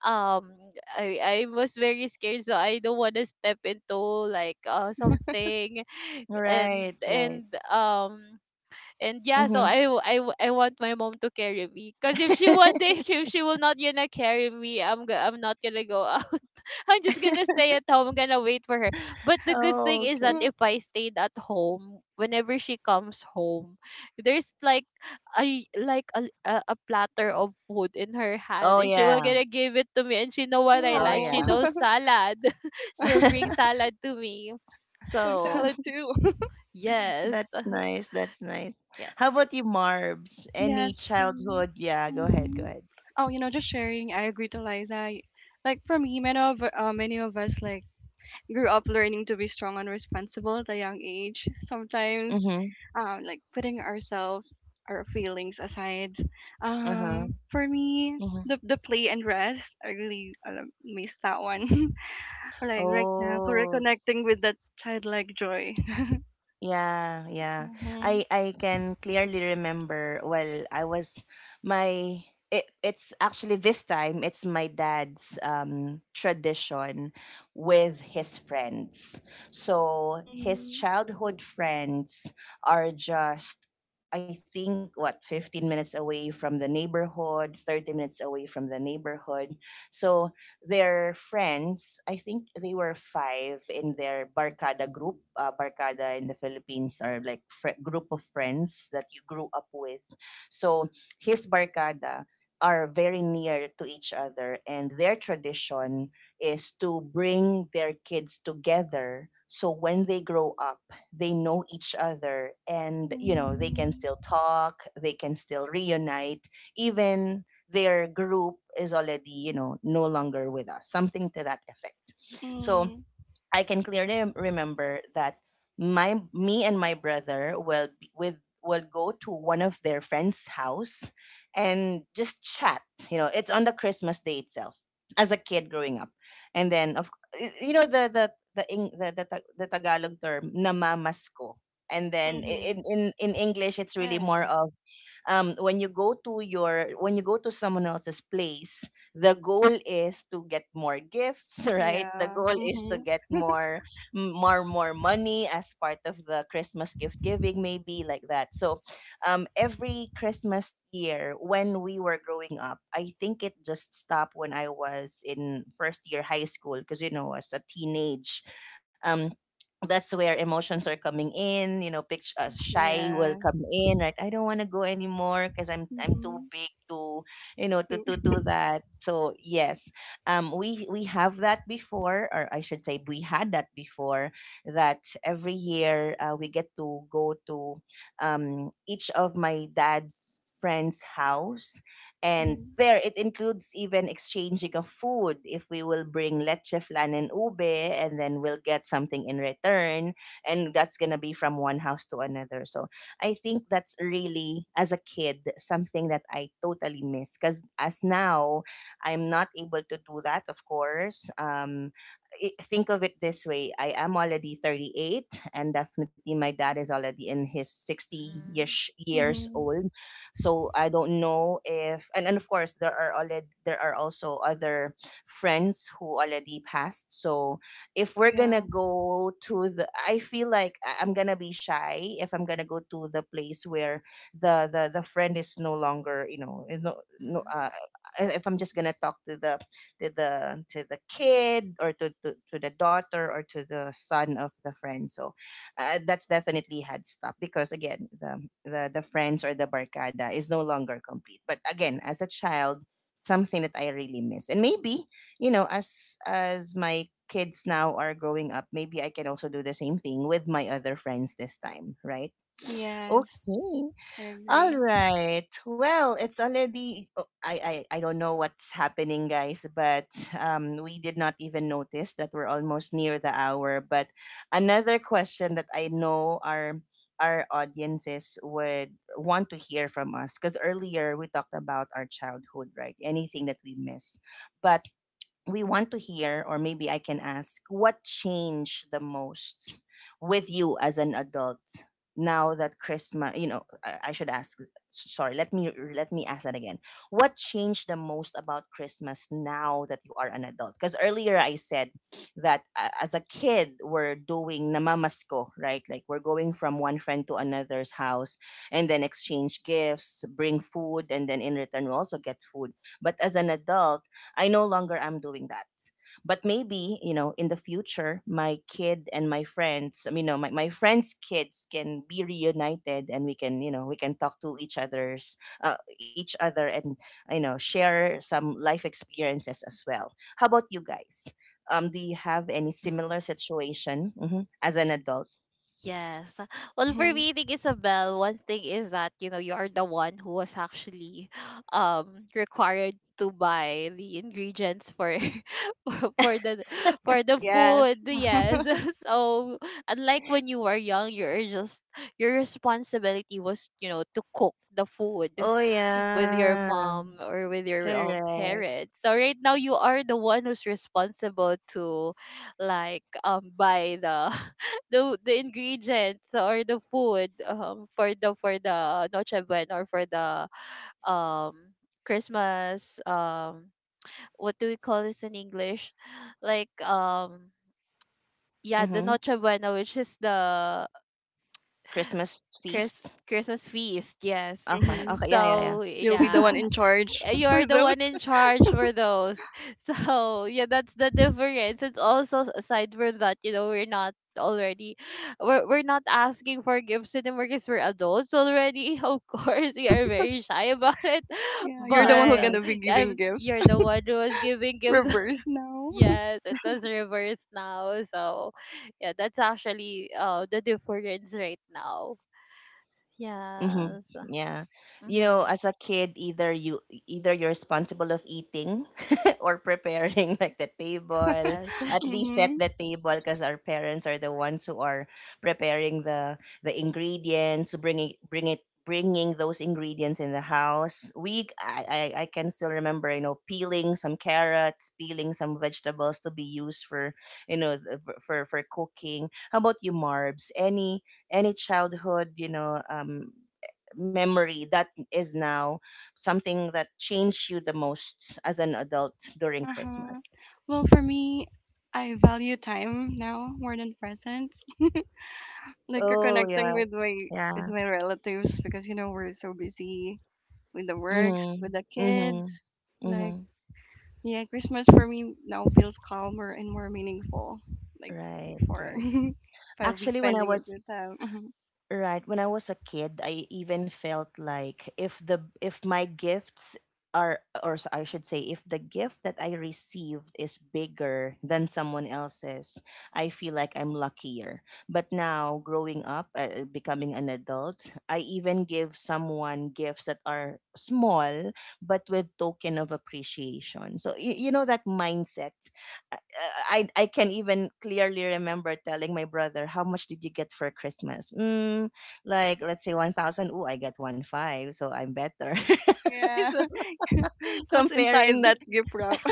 Speaker 2: um, I I was very scared, so I don't want to step into like something, and
Speaker 1: Right, right.
Speaker 2: And yeah, so
Speaker 1: Mm-hmm.
Speaker 2: I want my mom to carry me. Cause if she one day, if she will not gonna carry me, I'm not gonna go out. I'm just gonna stay at home. I'm gonna wait for her. But the good thing
Speaker 1: Oh,
Speaker 2: is that
Speaker 1: okay.
Speaker 2: if I stayed at home, whenever she comes home, there's like a platter of food in her hand,
Speaker 1: Oh,
Speaker 2: and she will
Speaker 1: yeah.
Speaker 2: gonna give it to me. And she know what I
Speaker 1: Oh,
Speaker 2: like. She
Speaker 3: Oh,
Speaker 1: yeah.
Speaker 2: knows salad. She'll bring salad to me.
Speaker 3: Pag
Speaker 2: So
Speaker 3: salad too.
Speaker 2: yes,
Speaker 1: That's nice. That's nice. How about you, Marbs?
Speaker 3: Yes,
Speaker 1: Any
Speaker 3: for me.
Speaker 1: childhood? Yeah, go ahead. Go
Speaker 3: Hmm.
Speaker 1: ahead.
Speaker 3: Oh, you know, just sharing. I agree to Liza. Like for me, many of us like grew up learning to be strong and responsible at a young age. Sometimes,
Speaker 1: Mm-hmm.
Speaker 3: like, putting ourselves, our feelings aside.
Speaker 1: Uh-huh.
Speaker 3: For me,
Speaker 1: Mm-hmm.
Speaker 3: the play and rest, I really miss that one. Like, right now,
Speaker 1: Oh,
Speaker 3: reconnecting with that childlike joy.
Speaker 1: yeah, yeah.
Speaker 3: Hmm.
Speaker 1: I can clearly remember, well, I was my it's actually this time it's my dad's tradition with his friends. So his
Speaker 3: Hmm.
Speaker 1: childhood friends are just, I think, what, 15 minutes away from the neighborhood, 30 minutes away from the neighborhood. So their friends, I think they were five in their Barkada group. Barkada in the Philippines are like group of friends that you grew up with. So his Barkada are very near to each other, and their tradition is to bring their kids together. So when they grow up, they know each other, and you know, they
Speaker 3: Hmm.
Speaker 1: can still talk, they can still reunite even their group is already, you know, no longer with us, something to that effect. So I can clearly remember that my me and my brother will be with, will go to one of their friends' house and just chat. You know, it's on the Christmas day itself. As a kid growing up, and then you know, the Eng- the, Ta- the Tagalog term namamasko. And then i-
Speaker 3: Mm-hmm.
Speaker 1: in, in, in English, it's really more
Speaker 2: yes.
Speaker 1: of, when you go to your, when you go to someone else's place, the goal is to get more gifts. Right, the
Speaker 3: Yeah.
Speaker 1: goal is to
Speaker 3: Hmm.
Speaker 1: get more more more money as part of the Christmas gift giving, maybe like that. So every Christmas year when we were growing up, I think it just stopped when I was in first year high school, because, you know, as a teenage, um that's where emotions are coming in, you know, picture, shy will
Speaker 3: Yeah.
Speaker 1: come in, right, I don't want to go anymore because I'm too
Speaker 3: Hmm.
Speaker 1: big to, you know, to
Speaker 3: Hmm.
Speaker 1: do that. So yes, we have that before, or I should say we had that before, that every year we get to go to, each of my dad's friend's house, and there it includes even exchanging of food. If we will bring leche flan and ube, and then we'll get something in return, and that's gonna be from one house to another. So I think that's really, as a kid, something that I totally miss. Because as now, I'm not able to do that, of course. Think of it this way, I am already 38, and definitely my dad is already in his 60
Speaker 2: Mhm.
Speaker 1: ish years
Speaker 3: Hmm.
Speaker 1: old. So I don't know if, and of course, there are already, there are also other friends who already passed. So if we're gonna
Speaker 3: Yeah.
Speaker 1: go to the, I feel like I'm gonna be shy if I'm gonna go to the place where the friend is no longer, you know, is no, no
Speaker 2: Mhm.
Speaker 1: uh, If I'm just gonna talk to the, to the to the kid, or to the daughter or to the son of the friend. So that's definitely had stopped because, again, the the friends or the barcada is no longer complete. But again, as a child, something that I really miss, and maybe, you know, as my kids now are growing up, maybe I can also do the same thing with my other friends this time, right?
Speaker 3: Yes,
Speaker 1: Okay,
Speaker 3: I
Speaker 1: all
Speaker 3: agree.
Speaker 1: right. Well, it's already, oh, I don't know what's happening, guys, but we did not even notice that we're almost near the hour. But another question that I know our audiences would want to hear from us, because earlier we talked about our childhood, right, anything that we miss. But we want to hear, or maybe I can ask, what changed the most with you as an adult now that Christmas? You know, I should ask. Sorry, let me ask that again. What changed the most about Christmas now that you are an adult? Because earlier I said that, as a kid we're doing namamasko, right? Like we're going from one friend to another's house, and then exchange gifts, bring food, and then in return we also get food. But as an adult, I no longer am doing that. But maybe, you know, in the future, my kid and my friends, I mean, no, my friends' kids can be reunited, and we can, you know, we can talk to each other's, each other, and, you know, share some life experiences as well. How about you guys? Do you have any
Speaker 2: Mhm.
Speaker 1: similar situation, mhm, as an adult?
Speaker 2: Yes. Well, for
Speaker 3: Mhm.
Speaker 2: me, I think, Isabel, one thing is that, you know, you are the one who was actually required to buy the ingredients for for the for the
Speaker 3: Yes.
Speaker 2: food. Yes. So unlike when you were young, you're just your responsibility was, you know, to cook the food
Speaker 1: Oh,
Speaker 2: with your
Speaker 1: yeah.
Speaker 2: mom or with your
Speaker 1: Correct.
Speaker 2: parents. So right now you are the one who's responsible to like buy the the ingredients or the food for the Noche Buena or for the um Christmas, what do we call this in English? Like, yeah, the
Speaker 1: Mm-hmm.
Speaker 2: Noche Buena, which is the
Speaker 1: Christmas
Speaker 2: Chris
Speaker 1: feast.
Speaker 2: Christmas feast, yes.
Speaker 1: Okay.
Speaker 3: Mhm.
Speaker 1: Okay. Yeah. Yeah. Yeah.
Speaker 2: So
Speaker 3: You'll be the one in
Speaker 2: yeah,
Speaker 3: charge
Speaker 2: uh, you are
Speaker 3: for
Speaker 2: the
Speaker 3: those.
Speaker 2: one in charge for those. So yeah, that's the difference. It's also aside from that, you know, we're not asking for gifts anymore because we're adults already. Of course, we are very shy about it.
Speaker 3: Yeah, you're the
Speaker 2: But
Speaker 3: one who's
Speaker 1: Right.
Speaker 3: gonna be giving
Speaker 2: I'm
Speaker 3: gifts.
Speaker 2: you're the one who was giving gifts.
Speaker 3: Reverse now.
Speaker 2: Yes, it was reversed now. So yeah, that's actually the difference right now.
Speaker 1: Mm-hmm.
Speaker 2: Yes.
Speaker 1: Yeah. You know,
Speaker 2: Mm-hmm.
Speaker 1: as a kid, either you're responsible of eating or preparing, like, the table,
Speaker 2: Yes.
Speaker 1: at least set
Speaker 3: Mhm.
Speaker 1: the table, because our parents are the ones who are preparing the ingredients, bringing bringing those ingredients in the house. We I can still remember, you know, peeling some carrots, peeling some vegetables to be used for, you know, for cooking. How about you, Marbs? Any childhood, you know, memory that is now something that changed you the most as an adult during
Speaker 3: Uh huh.
Speaker 1: Christmas?
Speaker 3: Well, for me, I value time now more than presents. Like, you're
Speaker 1: Oh,
Speaker 3: connecting
Speaker 1: yeah.
Speaker 3: with
Speaker 1: Yeah.
Speaker 3: my relatives because we're so busy with the works,
Speaker 1: Mm-hmm.
Speaker 3: with the
Speaker 1: Mm-hmm.
Speaker 3: kids. Like,
Speaker 1: Mm-hmm.
Speaker 3: yeah, Christmas for me now feels calmer and more meaningful. Like
Speaker 1: Right,
Speaker 3: before.
Speaker 1: right.
Speaker 3: If I'll be
Speaker 1: Actually, when I
Speaker 3: spending it with
Speaker 1: was
Speaker 3: them. Mm-hmm.
Speaker 1: Right. When I was a kid, I even felt like if the, if my gifts are, or I should say, if the gift that I received is bigger than someone else's, I feel like I'm luckier. But now, growing up, becoming an adult, I even give someone gifts that are small but with token of appreciation. So you know that mindset. Uh, I I can even clearly remember telling my brother, "How much did you get for Christmas?" Mm, like let's say 1,000. Oh, I get 1 5, so I'm better.
Speaker 3: Yeah.
Speaker 1: So
Speaker 3: What's inside
Speaker 1: comparing
Speaker 3: that gift wrap?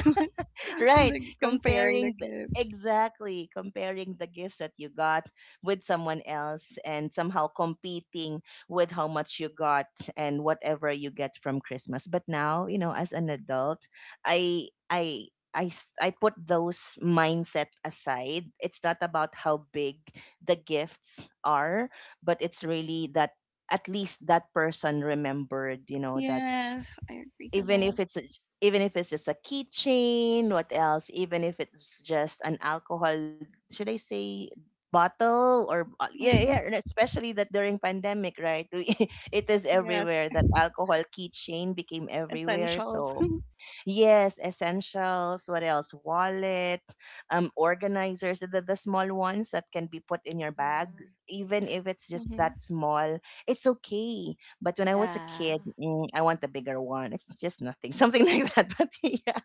Speaker 1: right,
Speaker 3: Like, comparing the
Speaker 1: comparing the,
Speaker 3: gifts.
Speaker 1: exactly, comparing the gifts that you got with someone else, and somehow competing with how much you got and whatever you get from Christmas. But now, you know, as an adult, i i I put those mindset aside. It's not about how big the gifts are, but it's really that at least that person remembered, you know, that
Speaker 3: Yes, I agree to
Speaker 1: even if
Speaker 3: that.
Speaker 1: it's a, even if it's just a keychain, what else, even if it's just an alcohol, should I say, bottle, or yeah, yeah,
Speaker 3: Mm-hmm.
Speaker 1: and especially that during pandemic, right. It is
Speaker 3: Yes,
Speaker 1: everywhere, that alcohol keychain became everywhere.
Speaker 3: essentials.
Speaker 1: So yes, essentials. What else? Wallet, organizers, the small ones that can be put in your bag.
Speaker 2: Mm-hmm.
Speaker 1: Even if it's just
Speaker 3: Mm-hmm.
Speaker 1: that small, it's okay. But when I was a
Speaker 2: Yeah.
Speaker 1: kid, mm, I want the bigger one. It's just nothing, something like that. But yeah.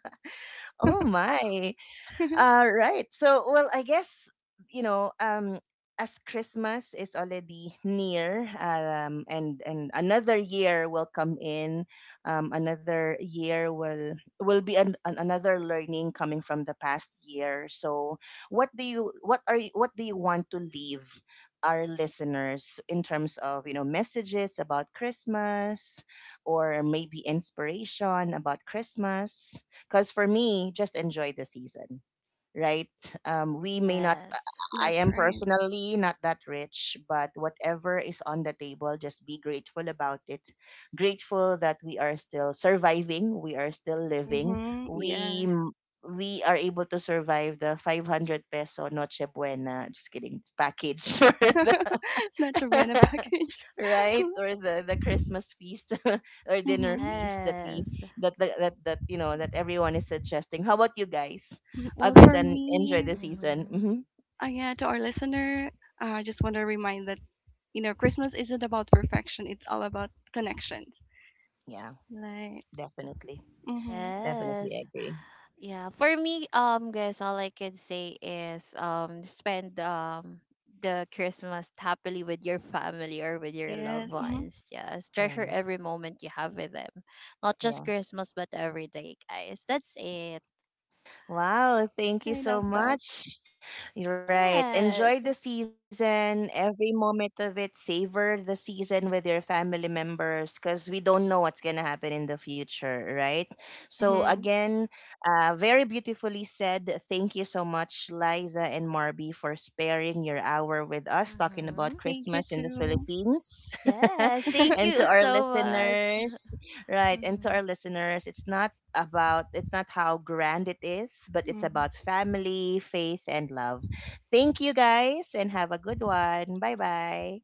Speaker 1: Oh my. Right. So, well, I guess, you know, as Christmas is already near, and another year will come in, another year will be another learning coming from the past year. So, what are you, what do you want to leave our listeners in terms of, you know, messages about Christmas, or maybe inspiration about Christmas? Because for me, just enjoy the season, right? We may not,
Speaker 2: Yes.
Speaker 1: I
Speaker 3: That's
Speaker 1: am
Speaker 3: right.
Speaker 1: personally not that rich, but whatever is on the table, just be grateful about it. Grateful that we are still surviving, we are still living,
Speaker 3: Mm-hmm.
Speaker 1: we
Speaker 3: Yes.
Speaker 1: m- we are able to survive the 500 peso noche buena, just kidding, package for the
Speaker 3: Not your rent a package.
Speaker 1: right, or the Christmas feast or
Speaker 3: Mm-hmm.
Speaker 1: dinner feast that we
Speaker 2: Yes.
Speaker 1: that, that that that you know that everyone is suggesting. How about you guys,
Speaker 3: Well,
Speaker 1: other
Speaker 3: for
Speaker 1: than enjoy
Speaker 3: me,
Speaker 1: the season?
Speaker 2: Mm-hmm.
Speaker 1: Hmm,
Speaker 3: yeah, to our listener, I just want to remind that, Christmas isn't about perfection, it's all about connections.
Speaker 1: yeah,
Speaker 3: Like,
Speaker 1: definitely,
Speaker 3: mm-hmm.
Speaker 1: definitely
Speaker 2: Yes.
Speaker 1: agree.
Speaker 2: Yeah. For me, guys, all I can say is spend the Christmas happily with your family or with your loved
Speaker 3: Yes, mm-hmm.
Speaker 2: ones. Yes.
Speaker 1: Yeah,
Speaker 2: Treasure every moment you have with them. Not just
Speaker 1: yeah.
Speaker 2: Christmas but every day, guys. That's it.
Speaker 1: Wow, thank you
Speaker 3: I
Speaker 1: so
Speaker 3: love that.
Speaker 1: much. Right. Enjoy
Speaker 2: Yes.
Speaker 1: the season, every moment of it. Savor the season with your family members, because we don't know what's going to happen in the future, right? So,
Speaker 3: Mm-hmm.
Speaker 1: again, very beautifully said. Thank you so much, Liza and Marby, for sparing your hour with us talking
Speaker 2: Mm-hmm.
Speaker 1: about
Speaker 3: Thank you
Speaker 1: Christmas in the
Speaker 3: too.
Speaker 1: Philippines.
Speaker 2: Yes. Thank
Speaker 1: And to
Speaker 2: you
Speaker 1: our
Speaker 2: so much.
Speaker 1: listeners, right? And to
Speaker 2: Mm-hmm.
Speaker 1: our listeners, it's not about, it's not how grand it is, but it's about
Speaker 3: Mhm.
Speaker 1: family, faith, and love. Thank you guys, and have a good one. Bye-bye.